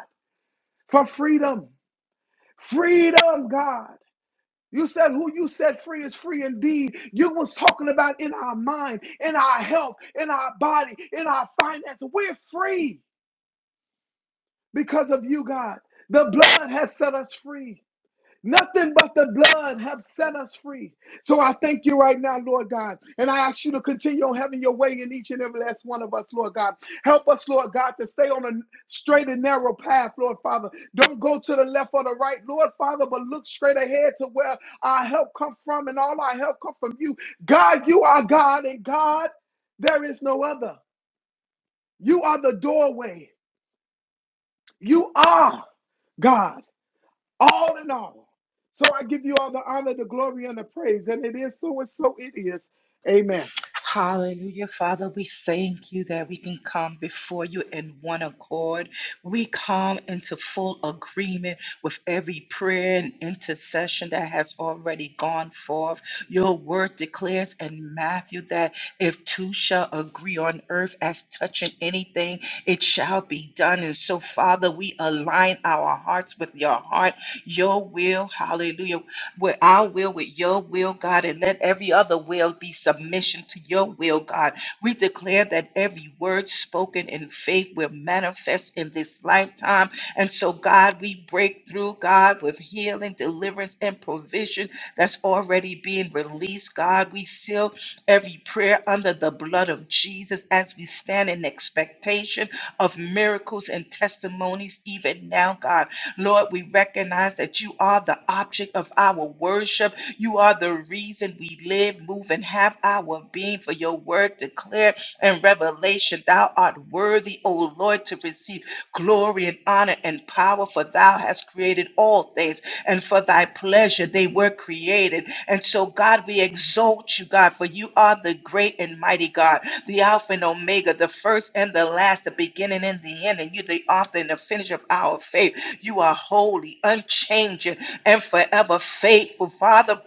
for freedom. Freedom, God. You said who you set free is free indeed. You was talking about in our mind, in our health, in our body, in our finances. We're free. because of you, God. The blood has set us free. Nothing but the blood have set us free. So I thank you right now, Lord God. And I ask you to continue on having your way in each and every last one of us, Lord God. Help us, Lord God, to stay on a straight and narrow path, Lord Father. Don't go to the left or the right, Lord Father, but look straight ahead to where our help come from and all our help come from you. God, you are God and God, there is no other. You are the doorway. You are God. all in all. So I give you all the honor, the glory, and the praise. And it is so and so it is. Amen. Hallelujah, Father, we thank you that we can come before you in one accord. We come into full agreement with every prayer and intercession that has already gone forth. Your word declares in Matthew that if two shall agree on earth as touching anything, it shall be done. And so, Father, we align our hearts with your heart, your will. Hallelujah. with our will, with your will, God, and let every other will be submission to your will, God. We declare that every word spoken in faith will manifest in this lifetime. And so, God, we break through, God, with healing, deliverance, and provision that's already being released, God. We seal every prayer under the blood of Jesus as we stand in expectation of miracles and testimonies, even now, God. Lord, we recognize that you are the object of our worship. You are the reason we live, move, and have our being. For your word declared in Revelation, Thou art worthy, O Lord, to receive glory and honor and power, for Thou hast created all things and for thy pleasure they were created. And so, God, we exalt you, God, for you are the great and mighty God, the Alpha and Omega, the first and the last, the beginning and the end, and you the author and the finisher of our faith. You are holy, unchanging, and forever faithful, Father.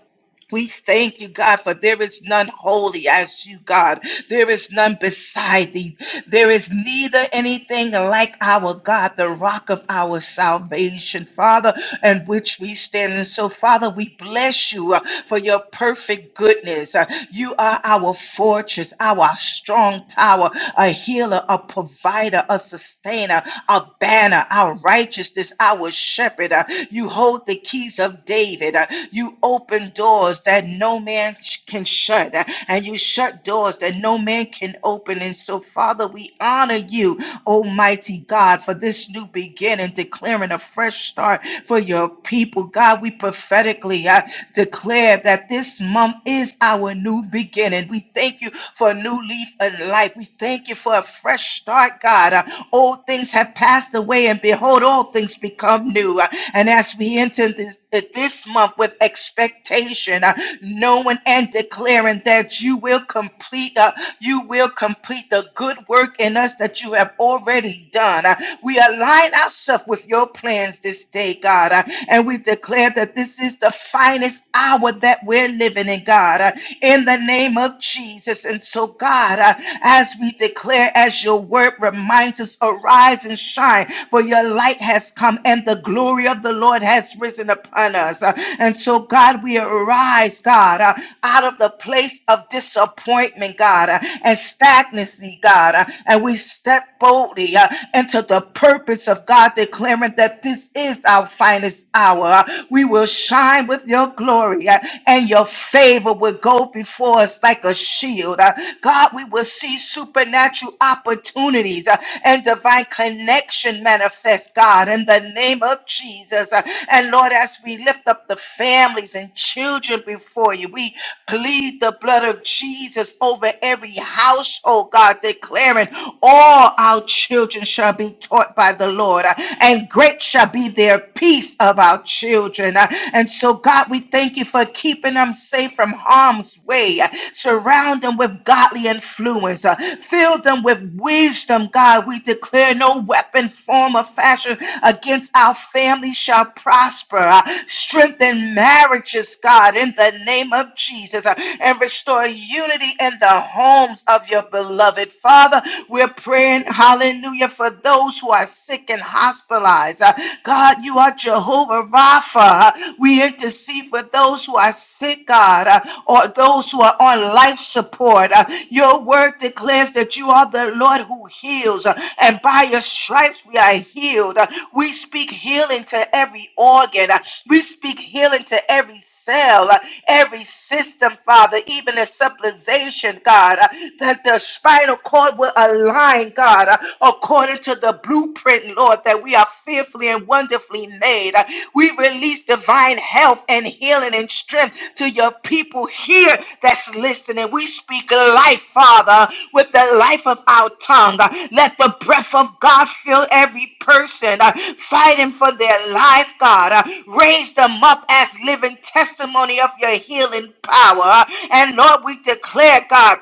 We thank you, God, for there is none holy as you, God. There is none beside thee. There is neither anything like our God, the rock of our salvation, Father, and which we stand. And so, Father, we bless you uh, for your perfect goodness. Uh, You are our fortress, our strong tower, a healer, a provider, a sustainer our banner, our righteousness, our shepherd. Uh, You hold the keys of David. Uh, You open doors that no man sh- can shut, uh, and you shut doors that no man can open. And so, Father, we honor you, Almighty God, for this new beginning, declaring a fresh start for your people. God, we prophetically uh, declare that this month is our new beginning. We thank you for a new leaf of life. We thank you for a fresh start, God. Uh, Old things have passed away, and behold, all things become new. Uh, And as we enter this, uh, this month with expectation, uh, knowing and declaring that you will complete, uh, you will complete the good work in us that you have already done. Uh, we align ourselves with your plans this day, God, uh, and we declare that this is the finest hour that we're living living God, uh, in the name of Jesus. And so, God, uh, as we declare, as your word reminds us, arise and shine, for your light has come and the glory of the Lord has risen upon us. Uh, And so, God, we arise, God, uh, out of the place of disappointment, God, uh, and stagnancy, God. uh, And we step boldly uh, into the purpose of God, declaring that this is our finest hour. Uh, We will shine with your glory, uh, and your favor will go before us like a shield. Uh, God, we will see supernatural opportunities uh, and divine connection manifest, God, in the name of Jesus. Uh, And Lord, as we lift up the families and children before you, we Plead the blood of Jesus over every household, God, declaring all our children shall be taught by the Lord, uh, and great shall be their peace of our children. Uh, And so, God, we thank you for keeping them safe from harm's way. Uh, Surround them with godly influence. Uh, Fill them with wisdom, God. We declare no weapon form of fashioned against our families shall prosper. Uh, Strengthen marriages, God, in the name of Jesus, uh, and restore unity in the homes of your beloved. Father, we're praying, hallelujah, for those who are sick and hospitalized. Uh, God, you are Jehovah Rapha. Uh, We intercede for those who are sick, God, uh, or those who are on on life support. Uh, Your word declares that you are the Lord who heals, uh, and by your stripes we are healed. Uh, We speak healing to every organ, Uh, we speak healing to every cell, uh, every system, Father, even the supplementation, God, uh, that the spinal cord will align, God, uh, according to the blueprint, Lord, that we are fearfully and and wonderfully made. Uh, We release divine health and healing and strength to your people here that's listening. We speak life, Father, with the life of our tongue. Uh, Let the breath of God fill every person uh, fighting for their life, God. Uh, Raise them up as living testimony of your healing power. And Lord, we declare, God.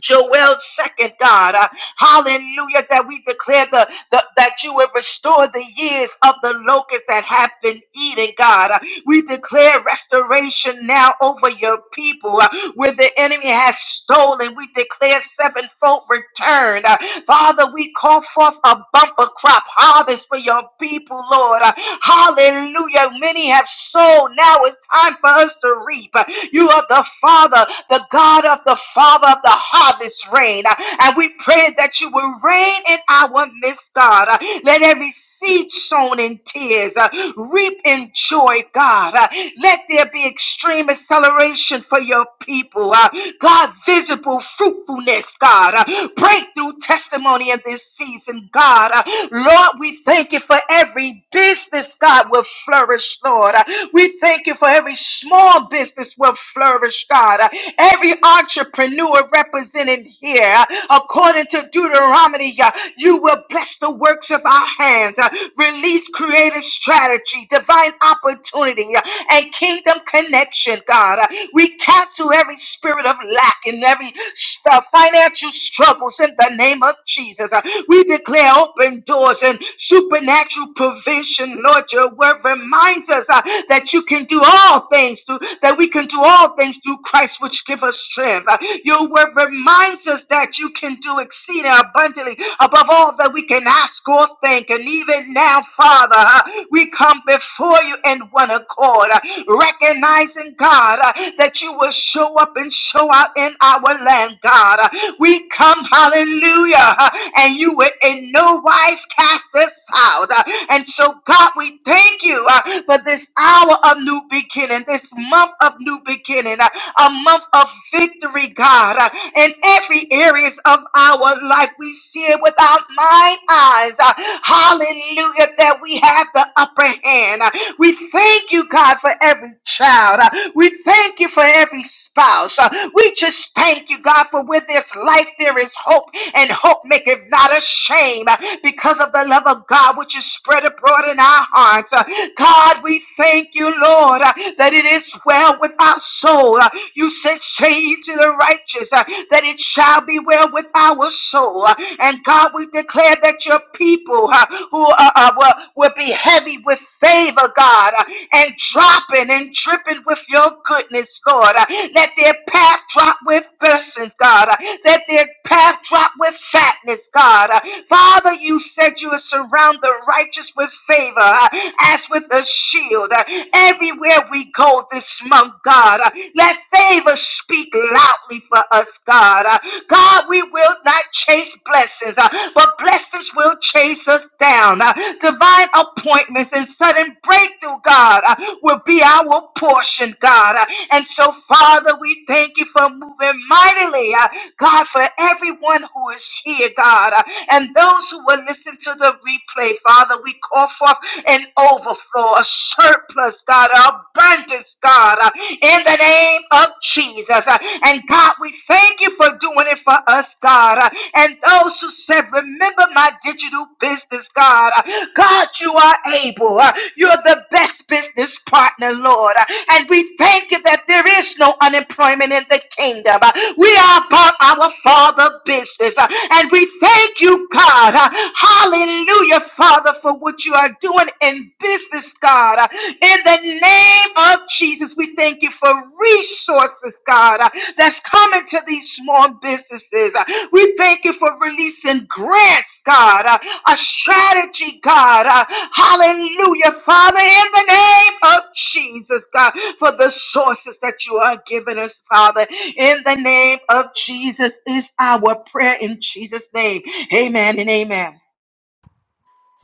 Joel's second, God. Uh, hallelujah, that we declare the, the that you will restore the years of the locust that have been eaten, God. Uh, we declare restoration now over your people uh, where the enemy has stolen. We declare sevenfold return. Uh, Father, we call forth a bumper crop harvest for your people, Lord. Uh, Hallelujah. Many have sown. Now it's time for us to reap. Uh, You are the Father, the God of the Father of the harvest rain. Uh, And we pray that you will reign in our midst, God. Uh, Let every seed sown sown in tears uh, reap in joy, God. Uh, let there be extreme acceleration for your people. Uh, God, visible fruitfulness, God. Uh, breakthrough testimony in this season, God. Uh, Lord, we thank you for every business, God, will flourish, Lord. Uh, we thank you for every small business will flourish, God. Uh, every entrepreneur represented here, uh, according to Deuteronomy. uh, you will bless the works of our hands. Uh, Release creative strategy, divine opportunity, uh, and kingdom connection, God. Uh, We cancel every spirit of lack and every s- uh, financial struggles in the name of Jesus. Uh, We declare open doors and supernatural provision. Lord, your word reminds us uh, that you can do all things through, that we can do all things through Christ, which give us strength. Uh, Your word reminds reminds us that you can do exceeding abundantly above all that we can ask or think. And even now, Father, uh, we come before you in one accord, uh, recognizing, God, uh, that you will show up and show out in our land, God. Uh, We come, hallelujah, uh, and you will in no wise cast us out. Uh, And so, God, we thank you uh, for this hour of new beginning, this month of new beginning. Uh, a month of victory, God, uh, in every areas of our life. We see it with our mind eyes. uh, Hallelujah, that we have the upper hand. We thank you, God, for every child. Uh, We thank you for every spouse. Uh, We just thank you, God, for with this life there is hope, and hope maketh not ashamed uh, because of the love of God which is spread abroad in our hearts. Uh, God, we thank you, Lord, uh, that it is well with our soul. Uh, You said, Say ye to the righteous uh, that it shall be well with our soul. Uh, And God, we declare that your people people uh, who uh, uh, will, will be heavy with favor, God, uh, and dropping and dripping with your goodness, Lord. Uh, let their path drop with blessings, God. Uh, let their path drop with fatness, God. Uh, Father, you said you would surround the righteous with favor uh, as with a shield. Uh, everywhere we go this month, God, uh, let favor speak loudly for us, God. Uh, God, we will not chase blessings, uh, but blessings will chase us down. Uh, divine appointments and sudden breakthrough, God, uh, will be our portion, God. Uh, and so, Father, we thank you for moving mightily, uh, God, for everyone who is here, God, uh, and those who will listen to the replay, Father. We call forth an overflow, a surplus, God, an abundance, God, uh, in the the name of Jesus. Uh, And God, we thank you for doing it for us, God. Uh, And those who said, Remember my digital business, God. Uh, God, you are able. Uh, You're the best business partner, Lord. Uh, And we thank you that there is no unemployment in the kingdom. Uh, We are about our Father business. Uh, And we thank you, God. Uh, Hallelujah, Father, for what you are doing in business resources, God. Uh, In the name of Jesus, we thank you for resources, God, uh, that's coming to these small businesses. Uh, We thank you for releasing grants, God, uh, a strategy, God. Uh, Hallelujah, Father, in the name of Jesus, God, for the sources that you are giving us, Father, in the name of Jesus is our prayer in Jesus' name. Amen and amen.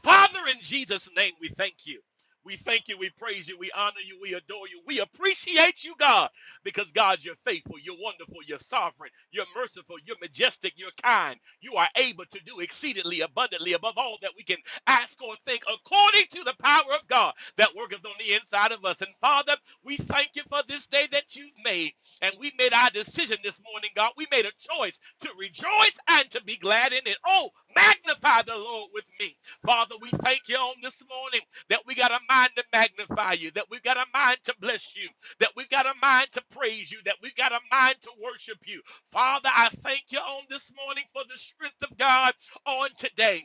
Father, in Jesus' name, we thank you. We thank you. We praise you. We honor you. We adore you. We appreciate you, God, because God, you're faithful. You're wonderful. You're sovereign. You're merciful. You're majestic. You're kind. You are able to do exceedingly abundantly above all that we can ask or think according to the power of God that worketh on the inside of us. And Father, we thank you for this day that you've made. And we made our decision this morning, God. We made a choice to rejoice and to be glad in it. Oh, magnify the Lord with me Father, we thank you on this morning that we got a mind to magnify you, that we've got a mind to bless you, that we've got a mind to praise you, that we've got a mind to worship you. Father, I thank you on this morning for the strength of God on today.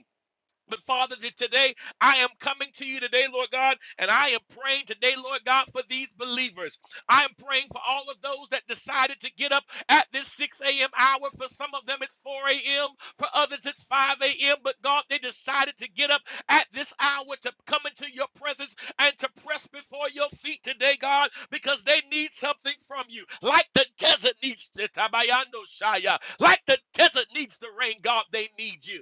But Father, that today I am coming to you today, Lord God, and I am praying today, Lord God, for these believers. I am praying for all of those that decided to get up at this 6 a.m. hour. For some of them, it's 4 a.m., for others, it's 5 a.m. But God, they decided to get up at this hour to come into your presence and to press before your feet today, God, because they need something from you. Like the desert needs to Tabayando like the desert needs the rain, God, they need you.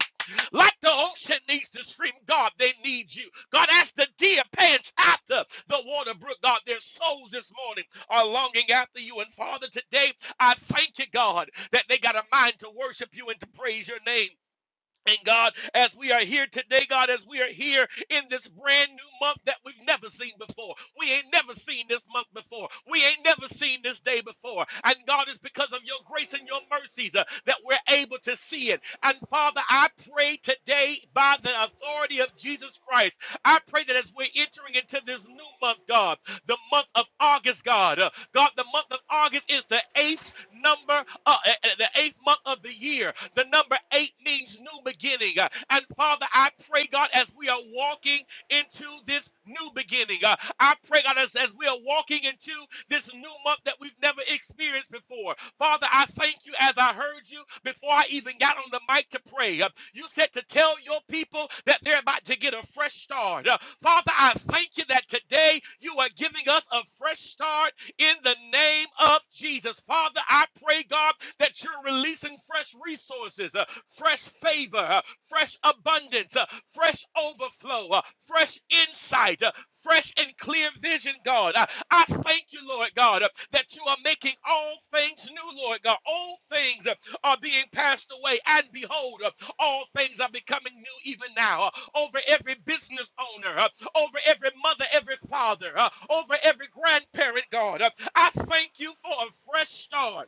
Like the ocean needs the stream, God, they need you. God, as the deer pants after the water brook, God, their souls this morning are longing after you. And Father, today I thank you, God, that they got a mind to worship you and to praise your name. And God, as we are here today, God, as we are here in this brand new month that we've never seen before, we ain't never seen this month before, we ain't never seen this day before. And God, it's because of your grace and your mercies uh, that we're able to see it. And Father, I pray today by the authority of Jesus Christ, I pray that as we're entering into this new month, God the month of August, God. Uh, God, the month of August is the eighth number, uh, eh, eh, the eighth month of the year. The number eight means new beginning. Uh, And Father, I pray, God, as we are walking into this new beginning. Uh, I pray, God, as, as we are walking into this new month that we've never experienced before. Father, I thank you as I heard you before I even got on the mic to pray. Uh, You said to tell your people that they're about to get a fresh start. Uh, Father, I thank you that today you are giving us a fresh start in the name of Jesus. Father, I pray, God, that you're releasing fresh resources, uh, fresh favor, uh, fresh abundance, uh, fresh overflow, uh, fresh insight, uh, fresh and clear vision, God. I, I thank you, Lord God, uh, that you are making all things new, Lord God. All things uh, are being passed away, and behold, uh, all things are becoming new even now. Uh, Over every business owner, uh, over every mother, every father, uh, over every grandparent, God, uh, I thank you for a fresh start.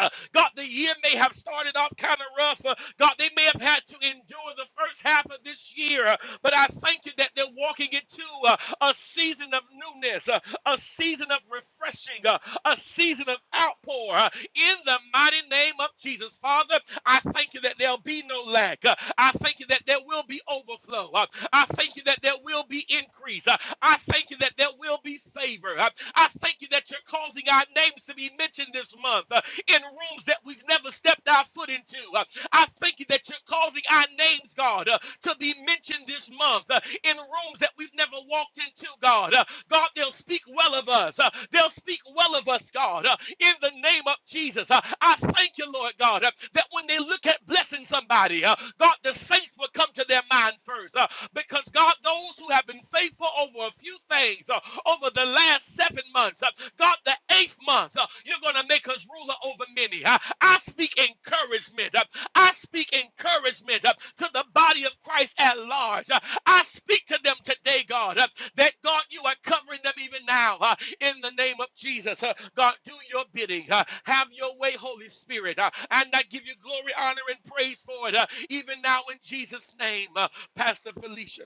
Uh, God, the year may have started off kind of rough. Uh, God, they may have had to endure the first half of this year, uh, but I thank you that they're walking into uh, a season of newness, uh, a season of refreshing, uh, a season of outpour uh, in the mighty name of Jesus. Father, I thank you that there'll be no lack. Uh, I thank you that there will be overflow. Uh, I thank you that there will be increase. Uh, I thank you that there will be favor. Uh, I thank you that you're causing causing our names to be mentioned this month uh, in rooms that we've never stepped our foot into. Uh, I thank you that you're causing our names, God, uh, to be mentioned this month uh, in rooms that we've never walked into, God. Uh, God, they'll speak well of us. Uh, they'll speak well of us, God, uh, in the name of Jesus. Uh, I thank you, Lord God, uh, that when they look at blessing somebody, uh, God, the saints will come to their mind first. uh, because, God, those who have been faithful over a few things, uh, over the last seven months, uh, God, the eighth month, uh, you're going to make us ruler over many. Uh, I speak encouragement. uh, I speak encouragement uh, to the body of Christ at large. Uh, I speak to them today, God, uh, that God, you are covering them even now uh, in the name of Jesus. Uh, God, do your bidding. uh, have your way, Holy Spirit. uh, and I give you glory, honor, and praise for it, uh, even now in Jesus' name. Uh, Pastor Felicia.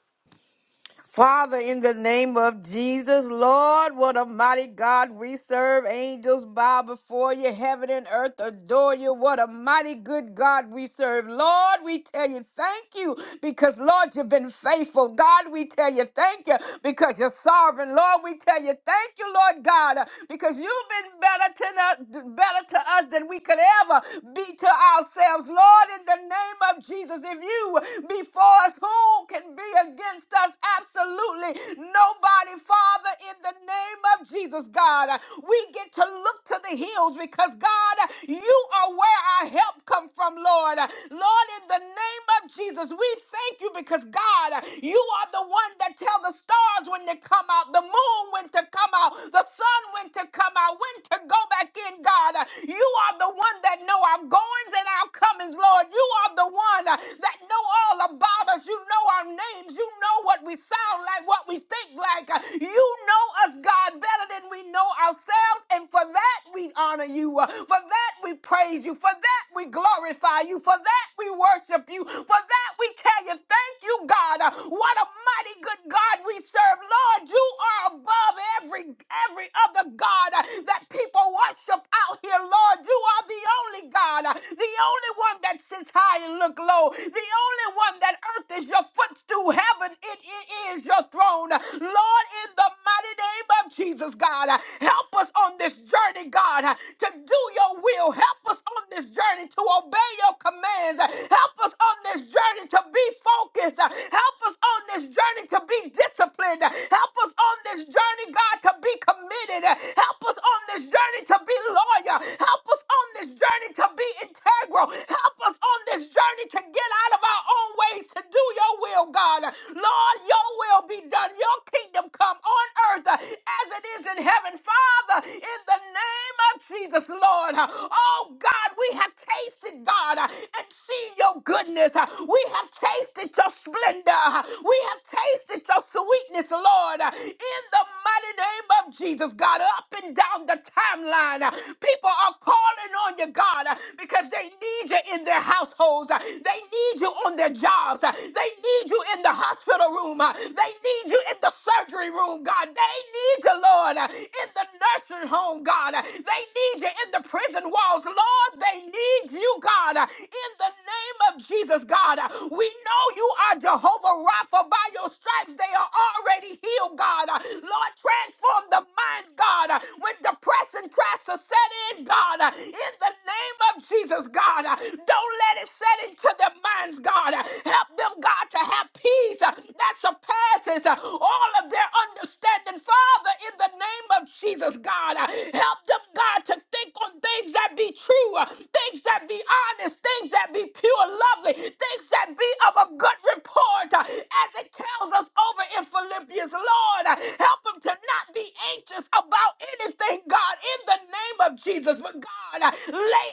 Father, in the name of Jesus, Lord, what a mighty God we serve. Angels bow before you, heaven and earth adore you. What a mighty good God we serve. Lord, we tell you thank you because, Lord, you've been faithful. God, we tell you thank you because you're sovereign. Lord, we tell you thank you, Lord God, because you've been better to, us, better to us than we could ever be to ourselves. Lord, in the name of Jesus, if you be for us, who can be against? against us. Absolutely nobody, Father, in the name of Jesus, God. We get to look to the hills because, God, you are where our help come from, Lord. Lord, in the name of Jesus, we thank you because, God, you are the one that tell the stars when to come out, the moon when to come out, the sun when to come out, when to go back in, God. You are the one that know our goings and our comings, Lord. You are the one that know all about us. You know our names. You know what we sound like, what we think like. Uh, You know us, God, better than we know ourselves. And for that, we honor you. Uh, For that, we praise you. For that, we glorify you. For that, we worship you. For that, we tell you, thank you, God. Uh, What a mighty good God we serve. Lord, you are above every every other God uh, that people worship out here, Lord. You are the only God, uh, the only one that sits high and look low, the only one that that earth is your footstool. Heaven, it, it is your throne. Lord, in the mighty name of Jesus, God, help us on this journey, God, to do your will. Help us on this journey to obey your commands. Help us on this journey to be focused. Help us on this journey to be disciplined. Help us on this journey, God, to be committed. Help us on this journey to be loyal. Help us on this journey to be integral. Help us on this journey to get out of our own ways to do your will, God. Lord, your will be done. Your kingdom come on earth uh, as it is in heaven. Father, in the name of Jesus, Lord. uh, Oh God, we have tasted, God, uh, and seen your goodness. Uh, We have tasted your splendor. Uh, We have tasted your sweetness, Lord. Uh, In the mighty name of Jesus, God, up and down the timeline, uh, people are calling on you, God, uh, because they need you in their households schools. Uh, They need you on their jobs. Uh, They need you in the hospital room. Uh, They need you in the surgery room, God. They need you, Lord, uh, in the nursing home, God. Uh, They need you in the prison walls. Lord, they need you, God, uh, in the name of Jesus, God. Uh, We know you are Jehovah Rapha. By your stripes, they are already healed, God. Uh, Lord, transform the minds, God, uh, when depression tries to set in, God. Uh, In the name of Jesus, God. uh, don't let it set into their minds, God. Help them, God, to have peace uh, that surpasses uh, all of their understanding. Father, in the name of Jesus, God, uh, help them, God, to think on things that be true, uh, things that be honest, things that be pure, lovely, things that be of a good report, uh, as it tells us over in Philippians. Lord, uh, help them to not be anxious about anything, God, in the name of Jesus. But God, uh, lay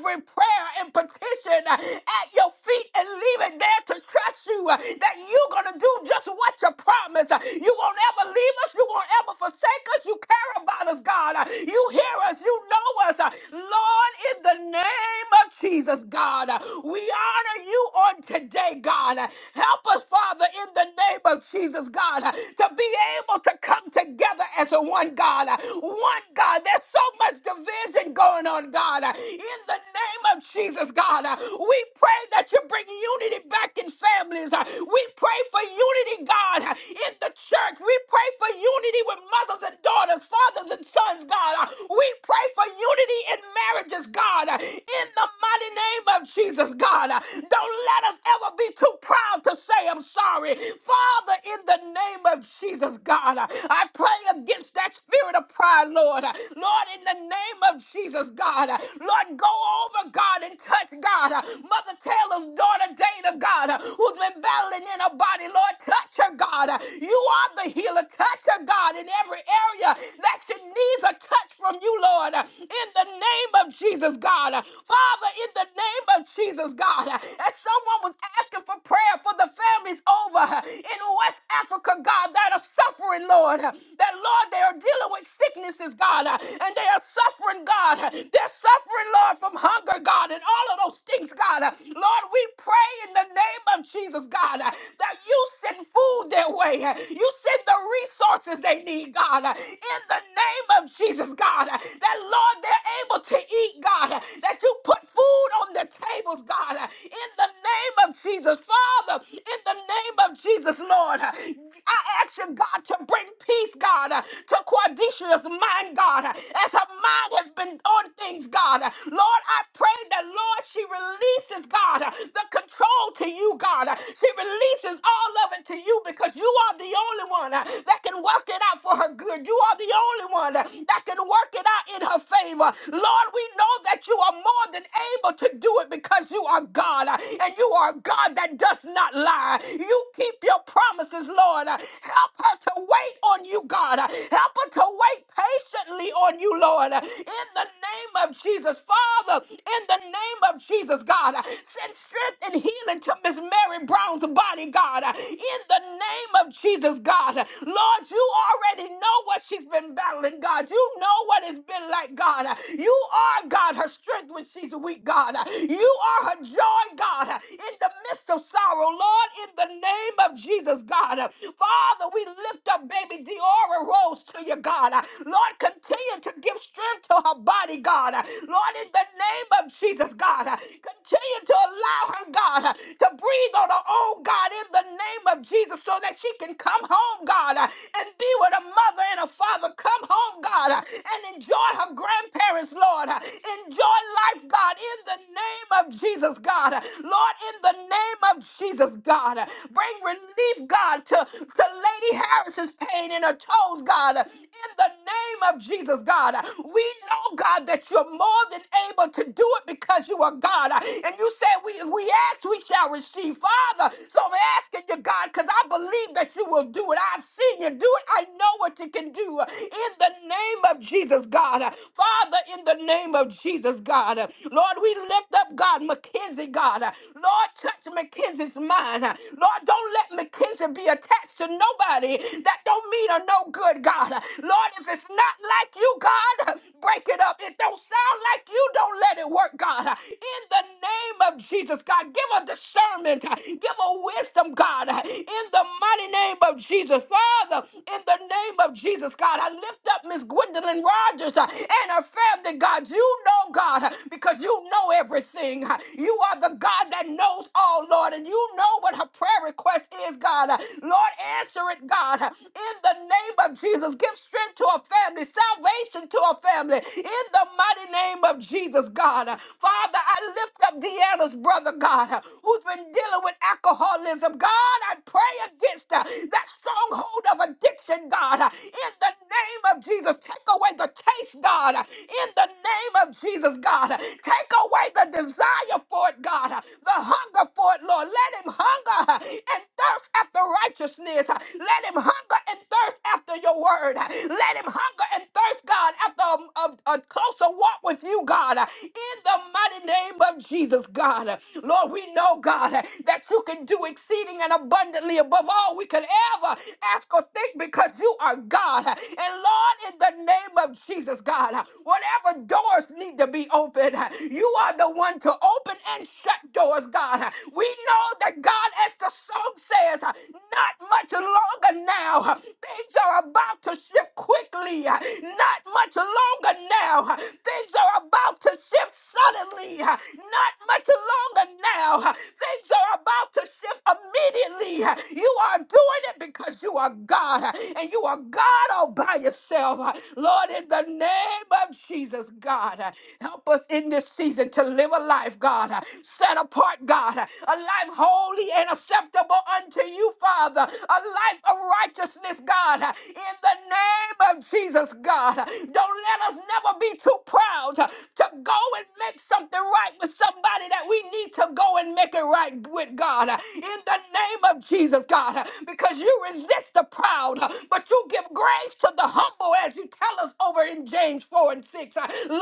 every prayer and petition uh, at your feet and leave it there to trust you uh, that you're going to do just what you promised. Uh, You won't ever leave us. You won't ever forsake us. You care about us, God. Uh, You hear us. You know us. Uh, Lord, in the name of Jesus, God, uh, we honor you on today, God. Uh, Help us, Father, in the name of Jesus, God, uh, to be able to come together as a one God. uh, One God. There's so much division going on, God. uh, in the name of Jesus, God. Uh, We pray that you bring unity back in families. Uh, We pray for unity, God, uh, in the church. We pray for unity with mothers and daughters, fathers and sons, God. Uh, We pray for unity in marriages, God, uh, in the mighty name of Jesus, God. Uh, Don't let us ever be too proud to say, I'm sorry. Father, in the name of Jesus, God, uh, I pray against that spirit of pride, Lord. Uh, Lord, in the name of Jesus. Jesus, God. Lord, go over, God, and touch, God. Mother Taylor's daughter, Dana, God, who's been battling in her body. Lord, touch her, God. You are the healer. Touch her, God, in every area that she needs a touch from you, Lord. In the name of Jesus, God. Father, in the name of Jesus, God. As someone was asking for prayer for the families over in West Africa, God, that are suffering, Lord. That, Lord, they are dealing with sicknesses, God, and they are suffering suffering, God. They're suffering, Lord, from hunger, God, and all of those things, God. Lord, we pray in the name of Jesus, God, that you send food their way. You send the resources they need, God. In the name of Jesus, God, that, Lord, they're able to eat, God, that you put food on their tables, God. In the name of Jesus, Father, in the name of Jesus, Lord. Lord. I ask you, God, to bring peace, God, to Quadisha's mind, God, as her mind has been on things, God. Lord, I pray that, Lord, she releases, God, the control to you, God. She releases all of it to you because you are the only one that can work it out for her good. You are the only one that can work it out in her favor. Lord, we know that you are more than able to do it because you are God and you are a God that does not lie. You keep keep your promises, Lord. Uh, Help her to wait on you, God. Uh, Help her to wait patiently on you, Lord. Uh, In the name of Jesus, Father, in the name of Jesus, God, uh, send strength and healing to Miss Mary Brown's body, God. Uh, In the name of Jesus, God, Uh, Lord, you already know what she's been battling, God. You know what it's been like, God. Uh, You are, God, her strength when she's weak, God. Uh, You are her joy, God, uh, in the midst of sorrow, Lord, in the name the name of Jesus, God. Father, we lift up baby Diora Rose to you, God. Lord, continue to give strength to her body, God. Lord, in the name of Jesus, God, continue to allow her, God, to breathe on her own, God, in the name of Jesus, so that she can come home, God, and be with a mother and a father. Come home, God, and enjoy her grandparents, Lord. Enjoy life, God, in the name of Jesus, God. Lord, in the name of Jesus, God. God. Bring relief, God, to, to Lady Harris's pain in her toes, God. In the name of Jesus, God. We know, God, that you're more than able to do it because you are God. And you said, we, if we ask, we shall receive. Father, so I'm asking you, God, because I believe that you will do it. I've seen you do it. I know what you can do. In the name of Jesus, God. Father, in the name of Jesus, God. Lord, we lift up, God, Mackenzie, God. Lord, Lord, touch McKenzie's mind. Lord, don't let McKenzie be attached to nobody that don't mean her no good, God. Lord, if it's not like you, God, break it up. It don't sound like you, don't let it work, God. In the name of Jesus, God, give her discernment. Give her wisdom, God. In the mighty name of Jesus, Father, in the name of Jesus, God, I lift up Miss Gwendolyn Rogers uh, and her family, God. You know, God, uh, because you know everything. You are the God that God, that knows all, Lord, and you know what her prayer request is, God. Lord, answer it, God. In the name of Jesus, give strength to her family, salvation to her family. In the mighty name of Jesus, God. Father, I lift up Deanna's brother, God, who's been dealing with alcoholism. God, I pray against uh, that stronghold of addiction, God. In the name of Jesus, take away the taste, God. In the name of Jesus, God. Take away the desire for it, God. God, uh, the hunger for it, Lord. Let him hunger uh, and thirst after righteousness. Uh, Let him hunger and thirst after your word. Uh, Let him hunger and thirst, God, after a, a, a closer walk with you, God, uh, in the mighty name of Jesus, God. Uh, Lord, we know, God, uh, that you can do exceeding and abundantly above all we could ever ask or think because you are God. Uh, And Lord, in the name of Jesus, God, uh, whatever doors need to be open, uh, you are the one to open and and shut doors, God. We know that God, as the song says, not much longer now. Things are about to shift quickly. Not much longer now. Things are about to shift suddenly. Not much longer now. Things are about to shift immediately. You are doing it because you are God and you are God all by yourself. Lord, in the name of Jesus, God, help us in this season to live a life, God. God, set apart, God, a life holy and acceptable unto you, Father, a life of righteousness, God, in the name of Jesus, God. Don't let us never be too proud to go and make something right with somebody that we need to go and make it right with, God, in the name of Jesus, God, because you resist the proud, but you give grace to the humble, as you tell us over in James 4 and 6. Lord,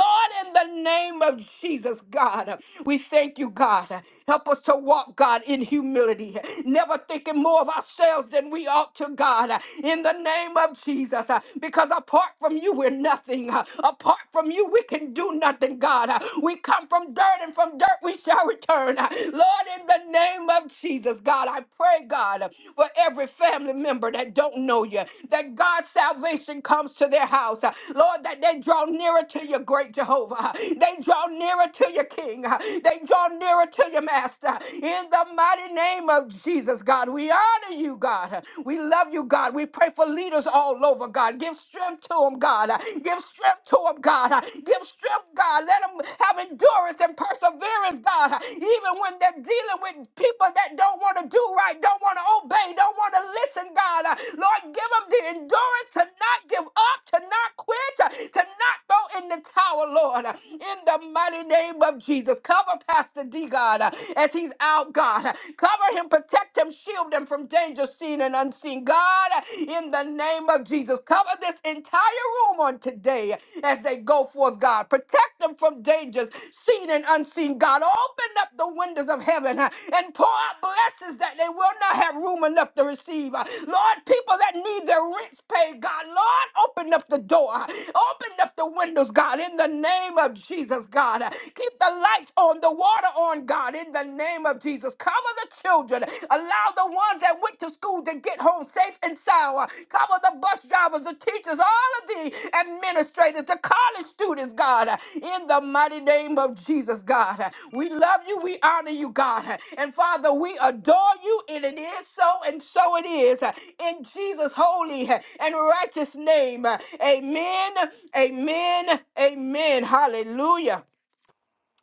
in the name of Jesus, God. We thank you, God. Help us to walk, God, in humility, never thinking more of ourselves than we ought to, God, in the name of Jesus. Because apart from you, we're nothing. Apart from you, we can do nothing, God. We come from dirt, and from dirt we shall return. Lord, in the name of Jesus, God, I pray, God, for every family member that don't know you, that God's salvation comes to their house. Lord, that they draw nearer to your great Jehovah. They draw nearer to your King. King. They draw nearer to your master. In the mighty name of Jesus, God, we honor you, God. We love you, God. We pray for leaders all over, God. Give strength to them, God. Give strength to them, God. Give strength, God. Let them have endurance and perseverance, God. Even when they're dealing with people that don't want to do right, don't want to obey, don't want to listen, God. Lord, give them the endurance to not give up, to not quit, to not throw in the towel, Lord. In the mighty name name of Jesus. Cover Pastor D, God, uh, as he's out, God. Cover him, protect him, shield him from danger seen and unseen. God, uh, in the name of Jesus, cover this entire room on today as they go forth, God. Protect them from dangers seen and unseen, God. Open up the windows of heaven uh, and pour out blessings that they will not have room enough to receive. Uh, Lord, people that need their rents paid, God, Lord, open up the door. Open up the windows, God, in the name of Jesus, God. Keep the lights on, the water on, God, in the name of Jesus. Cover the children. Allow the ones that went to school to get home safe and sound. Cover the bus drivers, the teachers, all of the administrators, the college students, God, in the mighty name of Jesus, God. We love you. We honor you, God. And Father, we adore you, and it is so, and so it is. In Jesus' holy and righteous name. Amen. Amen. Amen. Hallelujah.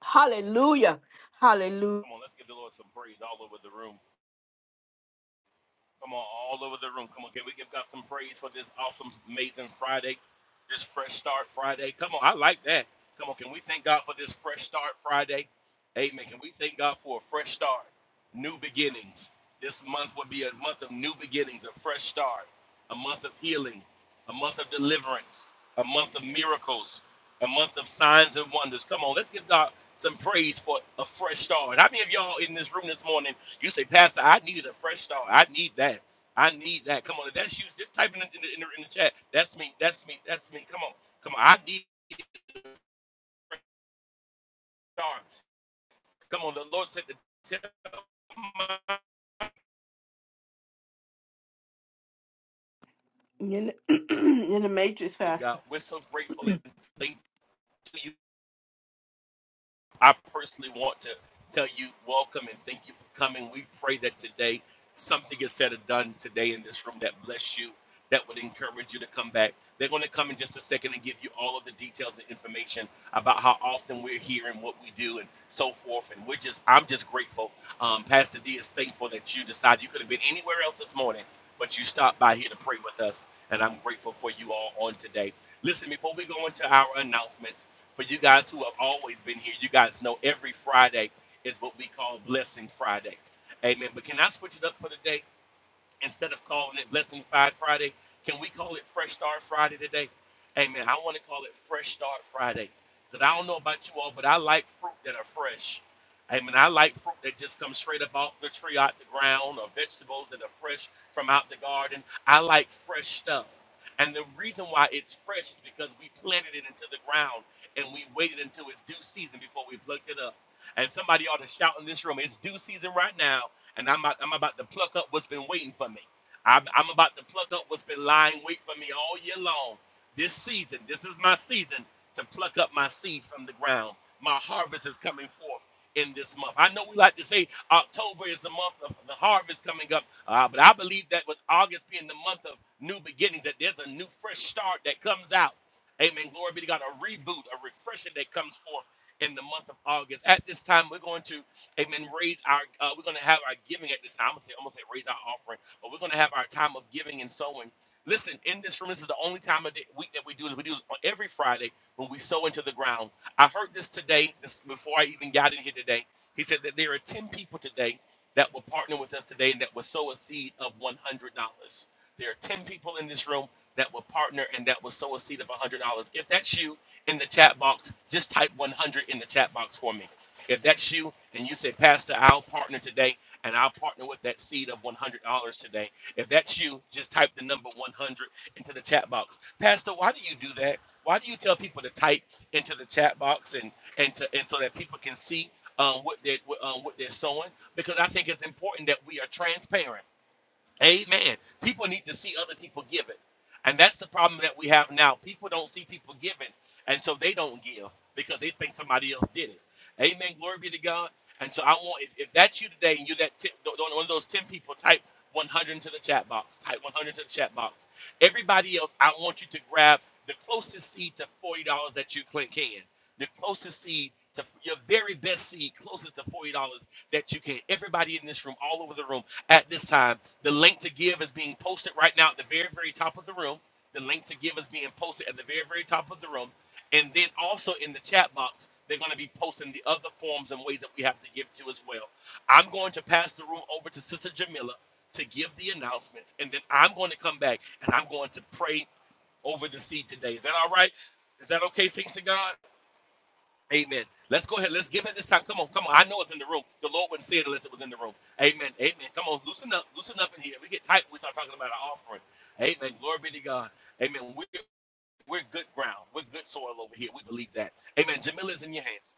Hallelujah. Hallelujah. Come on, let's give the Lord some praise all over the room. Come on, all over the room. Come on, can we give God some praise for this awesome, amazing Friday, this fresh start Friday? Come on, I like that. Come on, can we thank God for this fresh start Friday? Amen. Can we thank God for a fresh start, new beginnings? This month will be a month of new beginnings, a fresh start, a month of healing, a month of deliverance, a month of miracles, a month of signs and wonders. Come on, let's give God some praise for a fresh start. How many of y'all in this room this morning? You say, Pastor, I needed a fresh start. I need that. I need that. Come on, if that's you, just type it in in, the, in the, in the chat. That's me. That's me. That's me. Come on. Come on. I need a fresh start. Come on. The Lord said to tell my In the, [clears throat] in the matrix God, faster. we're so grateful and thankful I personally want to tell you welcome and thank you for coming. We pray that today something is said or done today in this room that bless you, that would encourage you to come back. They're going to come in just a second and give you all of the details and information about how often we're here and what we do and so forth. And we're just, I'm just grateful. Um, Pastor D is thankful that you decided you could have been anywhere else this morning. But you stopped by here to pray with us, and I'm grateful for you all on today. Listen, before we go into our announcements, for you guys who have always been here, you guys know every Friday is what we call Blessing Friday. Amen. But can I switch it up for the day? instead of calling it Blessing Five Friday, can we call it Fresh Start Friday today? Amen. I want to call it Fresh Start Friday because I don't know about you all, but I like fruit that are fresh. Amen. I like fruit that just comes straight up off the tree, out the ground, or vegetables that are fresh from out the garden. I like fresh stuff. And the reason why it's fresh is because we planted it into the ground and we waited until its due season before we plucked it up. And somebody ought to shout in this room, it's due season right now and I'm about, I'm about to pluck up what's been waiting for me. I'm, I'm about to pluck up what's been lying wait for me all year long. This season, this is my season to pluck up my seed from the ground. My harvest is coming forth in this month. I know we like to say October is the month of the harvest coming up, uh, but I believe that with August being the month of new beginnings, that there's a new fresh start that comes out. Amen. Glory be to God. A reboot, a refreshing that comes forth in the month of August. At this time, we're going to Amen. Raise our, uh, we're going to have our giving at this time. I'm going to say, almost say raise our offering, but we're going to have our time of giving and sowing. Listen, in this room, this is the only time of the week that we do this. We do this on every Friday when we sow into the ground. I heard this today, this before I even got in here today. He said that there are 10 people today that will partner with us today and that will sow a seed of $100. There are 10 people in this room that will partner and that will sow a seed of $100. If that's you in the chat box, just type 100 in the chat box for me. If that's you and you say, Pastor, I'll partner today and I'll partner with that seed of $100 today. If that's you, just type the number 100 into the chat box. Pastor, why do you do that? Why do you tell people to type into the chat box and and, to, and so that people can see um, what they're what, um, what they're sowing? Because I think it's important that we are transparent. Amen. People need to see other people giving. And that's the problem that we have now. People don't see people giving, and so they don't give because they think somebody else did it. Amen. Glory be to God. And so I want, if, if that's you today and you're that tip, one of those 10 people, type 100 into the chat box. Type 100 into the chat box. Everybody else, I want you to grab the closest seed to $40 that you can. The closest seed to your very best seed, closest to $40 that you can. Everybody in this room, all over the room at this time. The link to give is being posted right now at the very, very top of the room. The link to give is being posted at the very, very top of the room. And then also in the chat box, they're going to be posting the other forms and ways that we have to give to as well. I'm going to pass the room over to Sister Jamila to give the announcements. And then I'm going to come back and I'm going to pray over the seed today. Is that all right? Is that okay, Saints of God? Amen. Let's go ahead. Let's give it this time. Come on, come on. I know it's in the room. The Lord wouldn't say it unless it was in the room. Amen. Amen. Come on, loosen up, loosen up in here. We get tight. when We start talking about our offering. Amen. Glory be to God. Amen. We're we're good ground. We're good soil over here. We believe that. Amen. Jamila is in your hands.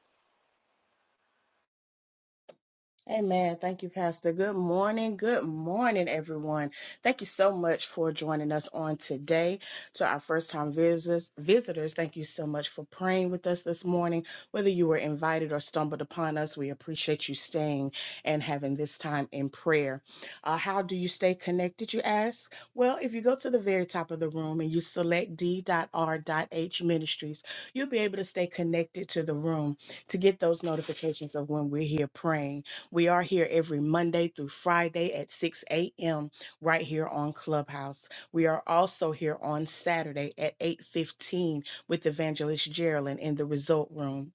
Amen. Thank you, Pastor. Good morning. Good morning, everyone. Thank you so much for joining us on today. To our first time visitors, visitors, thank you so much for praying with us this morning. Whether you were invited or stumbled upon us, we appreciate you staying and having this time in prayer. Uh, how do you stay connected, you ask? Well, if you go to the very top of the room and you select d.r.h ministries, you'll be able to stay connected to the room to get those notifications of when we're here praying. We are here every Monday through Friday at 6 a.m. right here on Clubhouse. We are also here on Saturday at 8:15 with Evangelist Geraldine in the Result Room.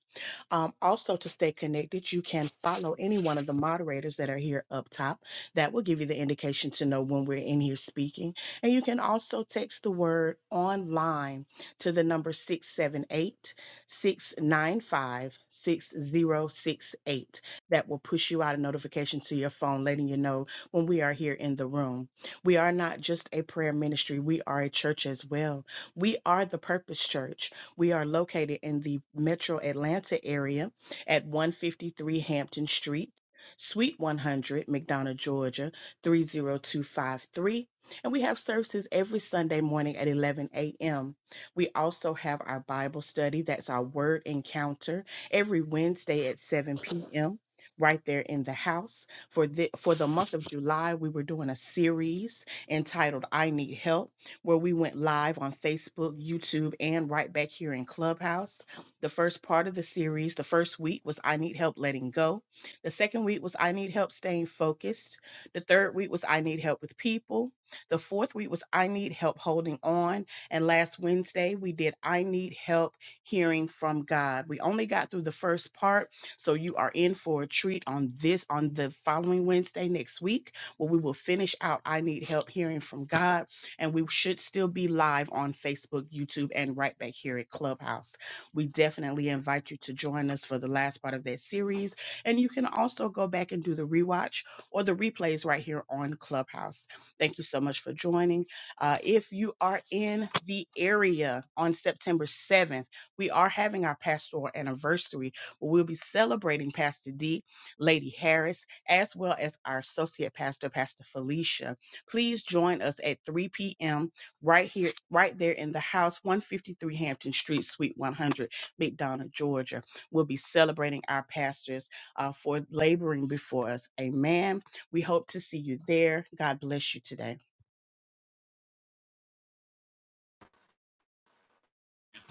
Um, also, to stay connected, you can follow any one of the moderators that are here up top. That will give you the indication to know when we're in here speaking. And you can also text the word online to the number 678 695 6068. That will push you out a notification to your phone letting you know when we are here in the room. We are not just a prayer ministry, we are a church as well. We are the Purpose Church. We are located in the metro Atlanta area at 153 Hampton Street, Suite 100, McDonough, Georgia 30253. And we have services every Sunday morning at 11 a.m. We also have our Bible study, that's our word encounter, every Wednesday at 7 p.m. Right there in the house for the for the month of July, we were doing a series entitled "I Need Help." where we went live on Facebook, YouTube, and right back here in Clubhouse. The first part of the series, the first week was I Need Help Letting Go. The second week was I Need Help Staying Focused. The third week was I Need Help with People. The fourth week was I Need Help Holding On. And last Wednesday, we did I Need Help Hearing from God. We only got through the first part, so you are in for a treat on this, on the following Wednesday next week, where we will finish out I Need Help Hearing from God and we should still be live on Facebook, YouTube, and right back here at Clubhouse. We definitely invite you to join us for the last part of that series. And you can also go back and do the rewatch or the replays right here on Clubhouse. Thank you so much for joining. Uh, if you are in the area on September 7th, we are having our pastoral anniversary. where We'll be celebrating Pastor D, Lady Harris, as well as our associate pastor, Pastor Felicia. Please join us at 3 p.m. right here, right there in the house, 153 Hampton Street, Suite 100, McDonough, Georgia. We'll be celebrating our pastors uh, for laboring before us. Amen. We hope to see you there. God bless you today.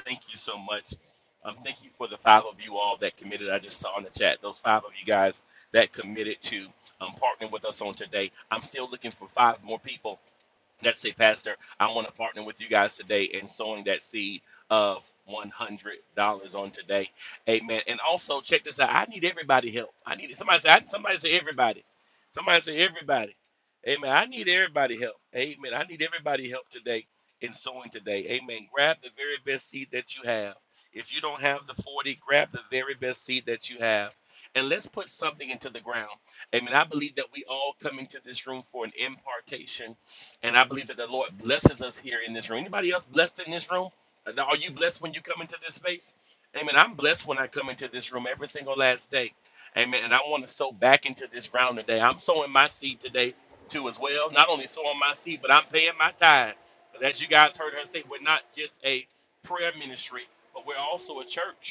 Thank you so much. Um, thank you for the five of you all that committed. I just saw in the chat those five of you guys that committed to um, partnering with us on today. I'm still looking for five more people that say, Pastor, I want to partner with you guys today in sowing that seed of $100 on today. Amen. And also, check this out. I need everybody help. I need somebody say, I, somebody say, everybody. Somebody say, everybody. Amen. I need everybody help. Amen. I need everybody help today in sowing today. Amen. Grab the very best seed that you have. If you don't have the 40, grab the very best seed that you have. And let's put something into the ground. Amen. I believe that we all come into this room for an impartation and I believe that the Lord blesses us here in this room. Anybody else blessed in this room? Are you blessed when you come into this space? Amen. I'm blessed when I come into this room every single last day. Amen. And I want to sow back into this ground today. I'm sowing my seed today too as well. Not only sowing my seed, but I'm paying my tithe. But as you guys heard her say, we're not just a prayer ministry, but we're also a church.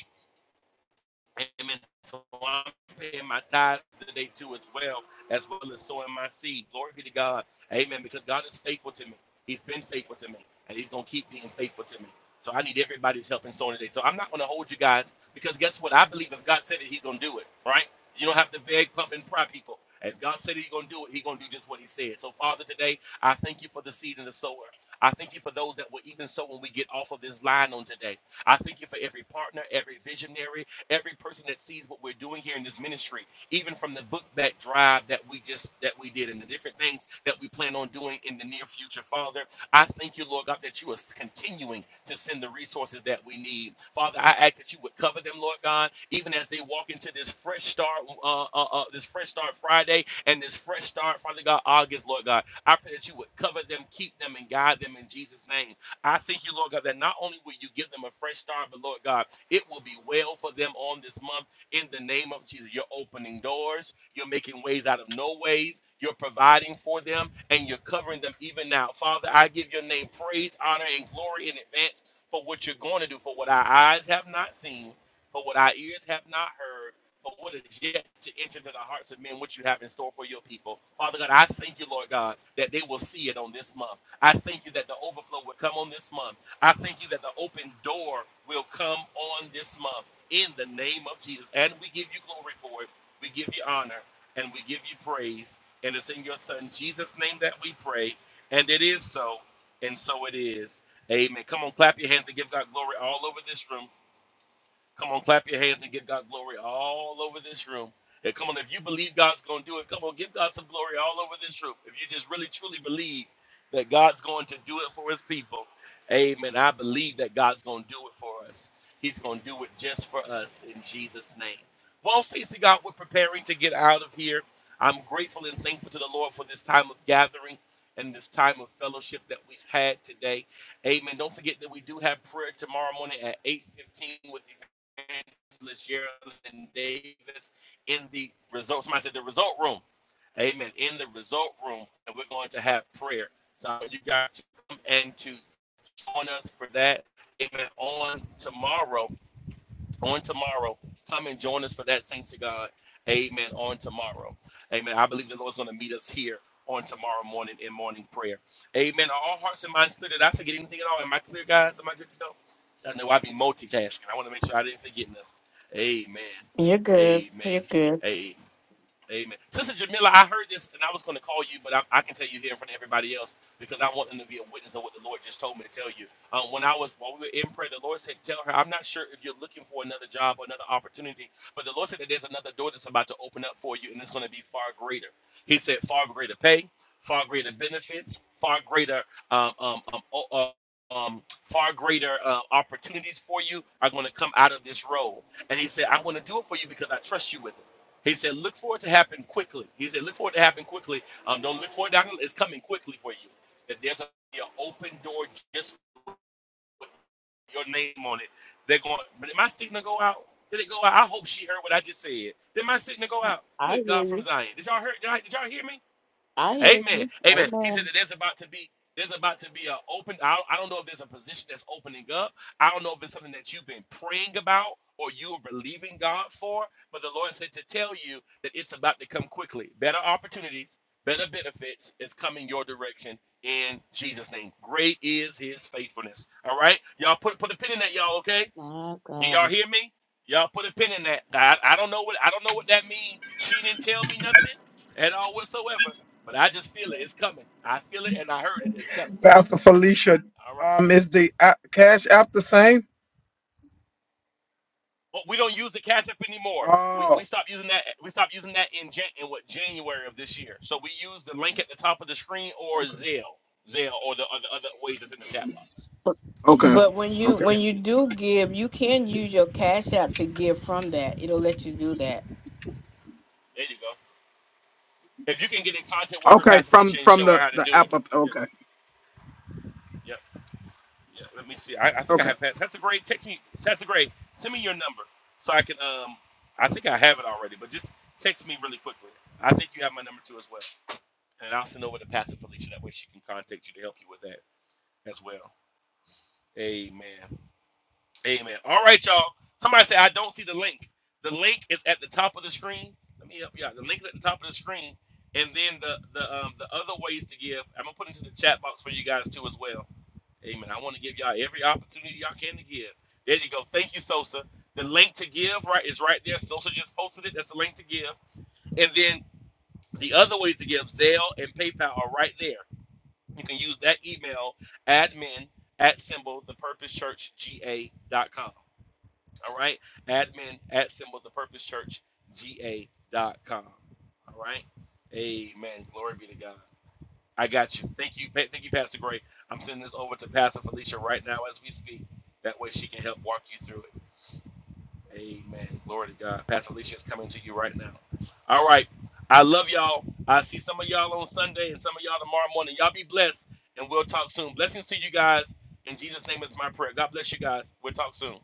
Amen. So I'm paying my tithes today too, as well as well as sowing my seed. Glory be to God. Amen. Because God is faithful to me. He's been faithful to me, and He's gonna keep being faithful to me. So I need everybody's help in sowing today. So I'm not gonna hold you guys because guess what? I believe if God said it, He's gonna do it. Right? You don't have to beg, pump, and pry people. If God said He's gonna do it, He's gonna do just what He said. So Father, today I thank you for the seed and the sower. I thank you for those that will even sow when we get off of this line on today. I thank you for every partner, every visionary, every person that sees what we're doing here in this ministry, even from the book that drive that we just that we did and the different things that we plan on doing in the near future, Father. I thank you, Lord God, that you are continuing to send the resources that we need. Father, I ask that you would cover them, Lord God, even as they walk into this fresh start, uh, uh, uh, this fresh start Friday and this fresh start, Father God, August, Lord God. I pray that you would cover them, keep them, and guide them in Jesus' name. I thank you, Lord God, that not only will you give them a fresh start, but Lord God, it will be well for them on this month in the name of Jesus. You're opening doors, you're making ways out of no ways, you're providing for them, and you're covering them even now. Father, I give your name praise, honor, and glory in advance for what you're going to do, for what our eyes have not seen, for what our ears have not heard. for What is yet to enter into the hearts of men, what you have in store for your people. Father God, I thank you, Lord God, that they will see it on this month. I thank you that the overflow will come on this month I thank you that the open door will come on this month in the name of Jesus. And we give you glory for it. We give you honor and we give you praise. And it's in your son Jesus' name that we pray. And it is so. And so it is. Amen. Come on, clap your hands and give God glory all over this room. Come on, clap your hands and give God glory all over this room. And come on, if you believe God's going to do it, come on, give God some glory all over this room. If you just really truly believe that God's going to do it for his people, amen. I believe that God's going to do it for us. He's going to do it just for us in Jesus' name. Well, CC God, we're preparing to get out of here. I'm grateful and thankful to the Lord for this time of gathering and this time of fellowship that we've had today. Amen. Don't forget that we do have prayer tomorrow morning at 8:15 with the Gerald and Davis in the result. Somebody said the result room. Amen. In the result room, and we're going to have prayer. So I want you guys to come and to join us for that. Amen. On tomorrow on tomorrow. Come and join us for that, saints of God. Amen. On tomorrow. Amen. I believe the Lord's going to meet us here on tomorrow morning in morning prayer. Amen. Are all hearts and minds clear? Did I forget anything at all? Am I clear, guys? Am I good to go? I know I be multitasking. I want to make sure I didn't forget nothing. Amen. Amen. Amen. Amen. Sister Jamila, I heard this and I was going to call you, but I, I can tell you here in front of everybody else because I want them to be a witness of what the Lord just told me to tell you. Um, when I was, while we were in prayer, the Lord said, Tell her, I'm not sure if you're looking for another job or another opportunity, but the Lord said that there's another door that's about to open up for you and it's going to be far greater. He said, Far greater pay, far greater benefits, far greater, um, um, um, o- uh, um, far greater uh, opportunities for you are going to come out of this role. And he said, I'm going to do it for you because I trust you with it. He said, look for it to happen quickly. He said, look for it to happen quickly. Um, don't look for it. Down. It's coming quickly for you. That there's a, an open door just with your name on it. They're going, but did my signal go out? Did it go out? I hope she heard what I just said. Did my signal go out? I Good hear God from you. Zion. Did y'all hear? Did, I, did y'all hear me? I hear Amen. you. Amen. He said Amen. that there's about to be there's about to be a open. I don't, I don't know if there's a position that's opening up. I don't know if it's something that you've been praying about or you are believing God for. But the Lord said to tell you that it's about to come quickly. Better opportunities, better benefits is coming your direction in Jesus' name. Great is His faithfulness. All right, y'all put put a pin in that, y'all. Okay. My Do God. Y'all hear me? Y'all put a pin in that. I, I don't know what I don't know what that means. She didn't tell me nothing at all whatsoever. But I just feel it. It's coming. I feel it and I heard it. It's coming Pastor quickly. Felicia, All right. um, is the app, Cash App the same? Well, we don't use the catch up anymore. We, Oh, we stopped using that. We stopped using that in Jan, in what January of this year. So we use the link at the top of the screen or Zelle, Zelle, or the other other ways that's in the chat box. But okay, but when you okay, when Yes, you yes, ma'am. do give, you can use your cash app to give from that. It'll let you do that. There you go. If you can get in contact with her, okay. Pastor From Alicia, and from show her the how to the do it. app, up- Yep, okay, yep. Yeah, let me see. I, I okay. think I have Pat. That's a great. Text me. That's a great. Send me your number so I can. Um, I think I have it already, but just text me really quickly. I think you have my number too as well, and I'll send over to Pastor Felicia. That way she can contact you to help you with that as well. Amen. Amen. All right, y'all. Somebody say I don't see the link. The link is at the top of the screen. Let me help you out. The link is at the top of the screen, and then the the um the other ways to give. I'm gonna put into the chat box for you guys too as well Amen. I want to give y'all every opportunity y'all can to give. There you go. Thank you, Sosa. The link to give right is right there. Sosa just posted it. That's the link to give. And then the other ways to give, Zelle and PayPal are right there. You can use that email, admin at symbol thepurposechurchga.com. All right? Admin at symbol thepurposechurchga.com. All right? Amen. Glory be to God. I got you. Thank you. Pa- Thank you, Pastor Gray. I'm sending this over to Pastor Felicia right now as we speak. That way she can help walk you through it. Amen. Glory to God. Pastor Felicia is coming to you right now. All right. I love y'all. I see some of y'all on Sunday and some of y'all tomorrow morning. Y'all be blessed, and we'll talk soon. Blessings to you guys. In Jesus' name is my prayer. God bless you guys. We'll talk soon.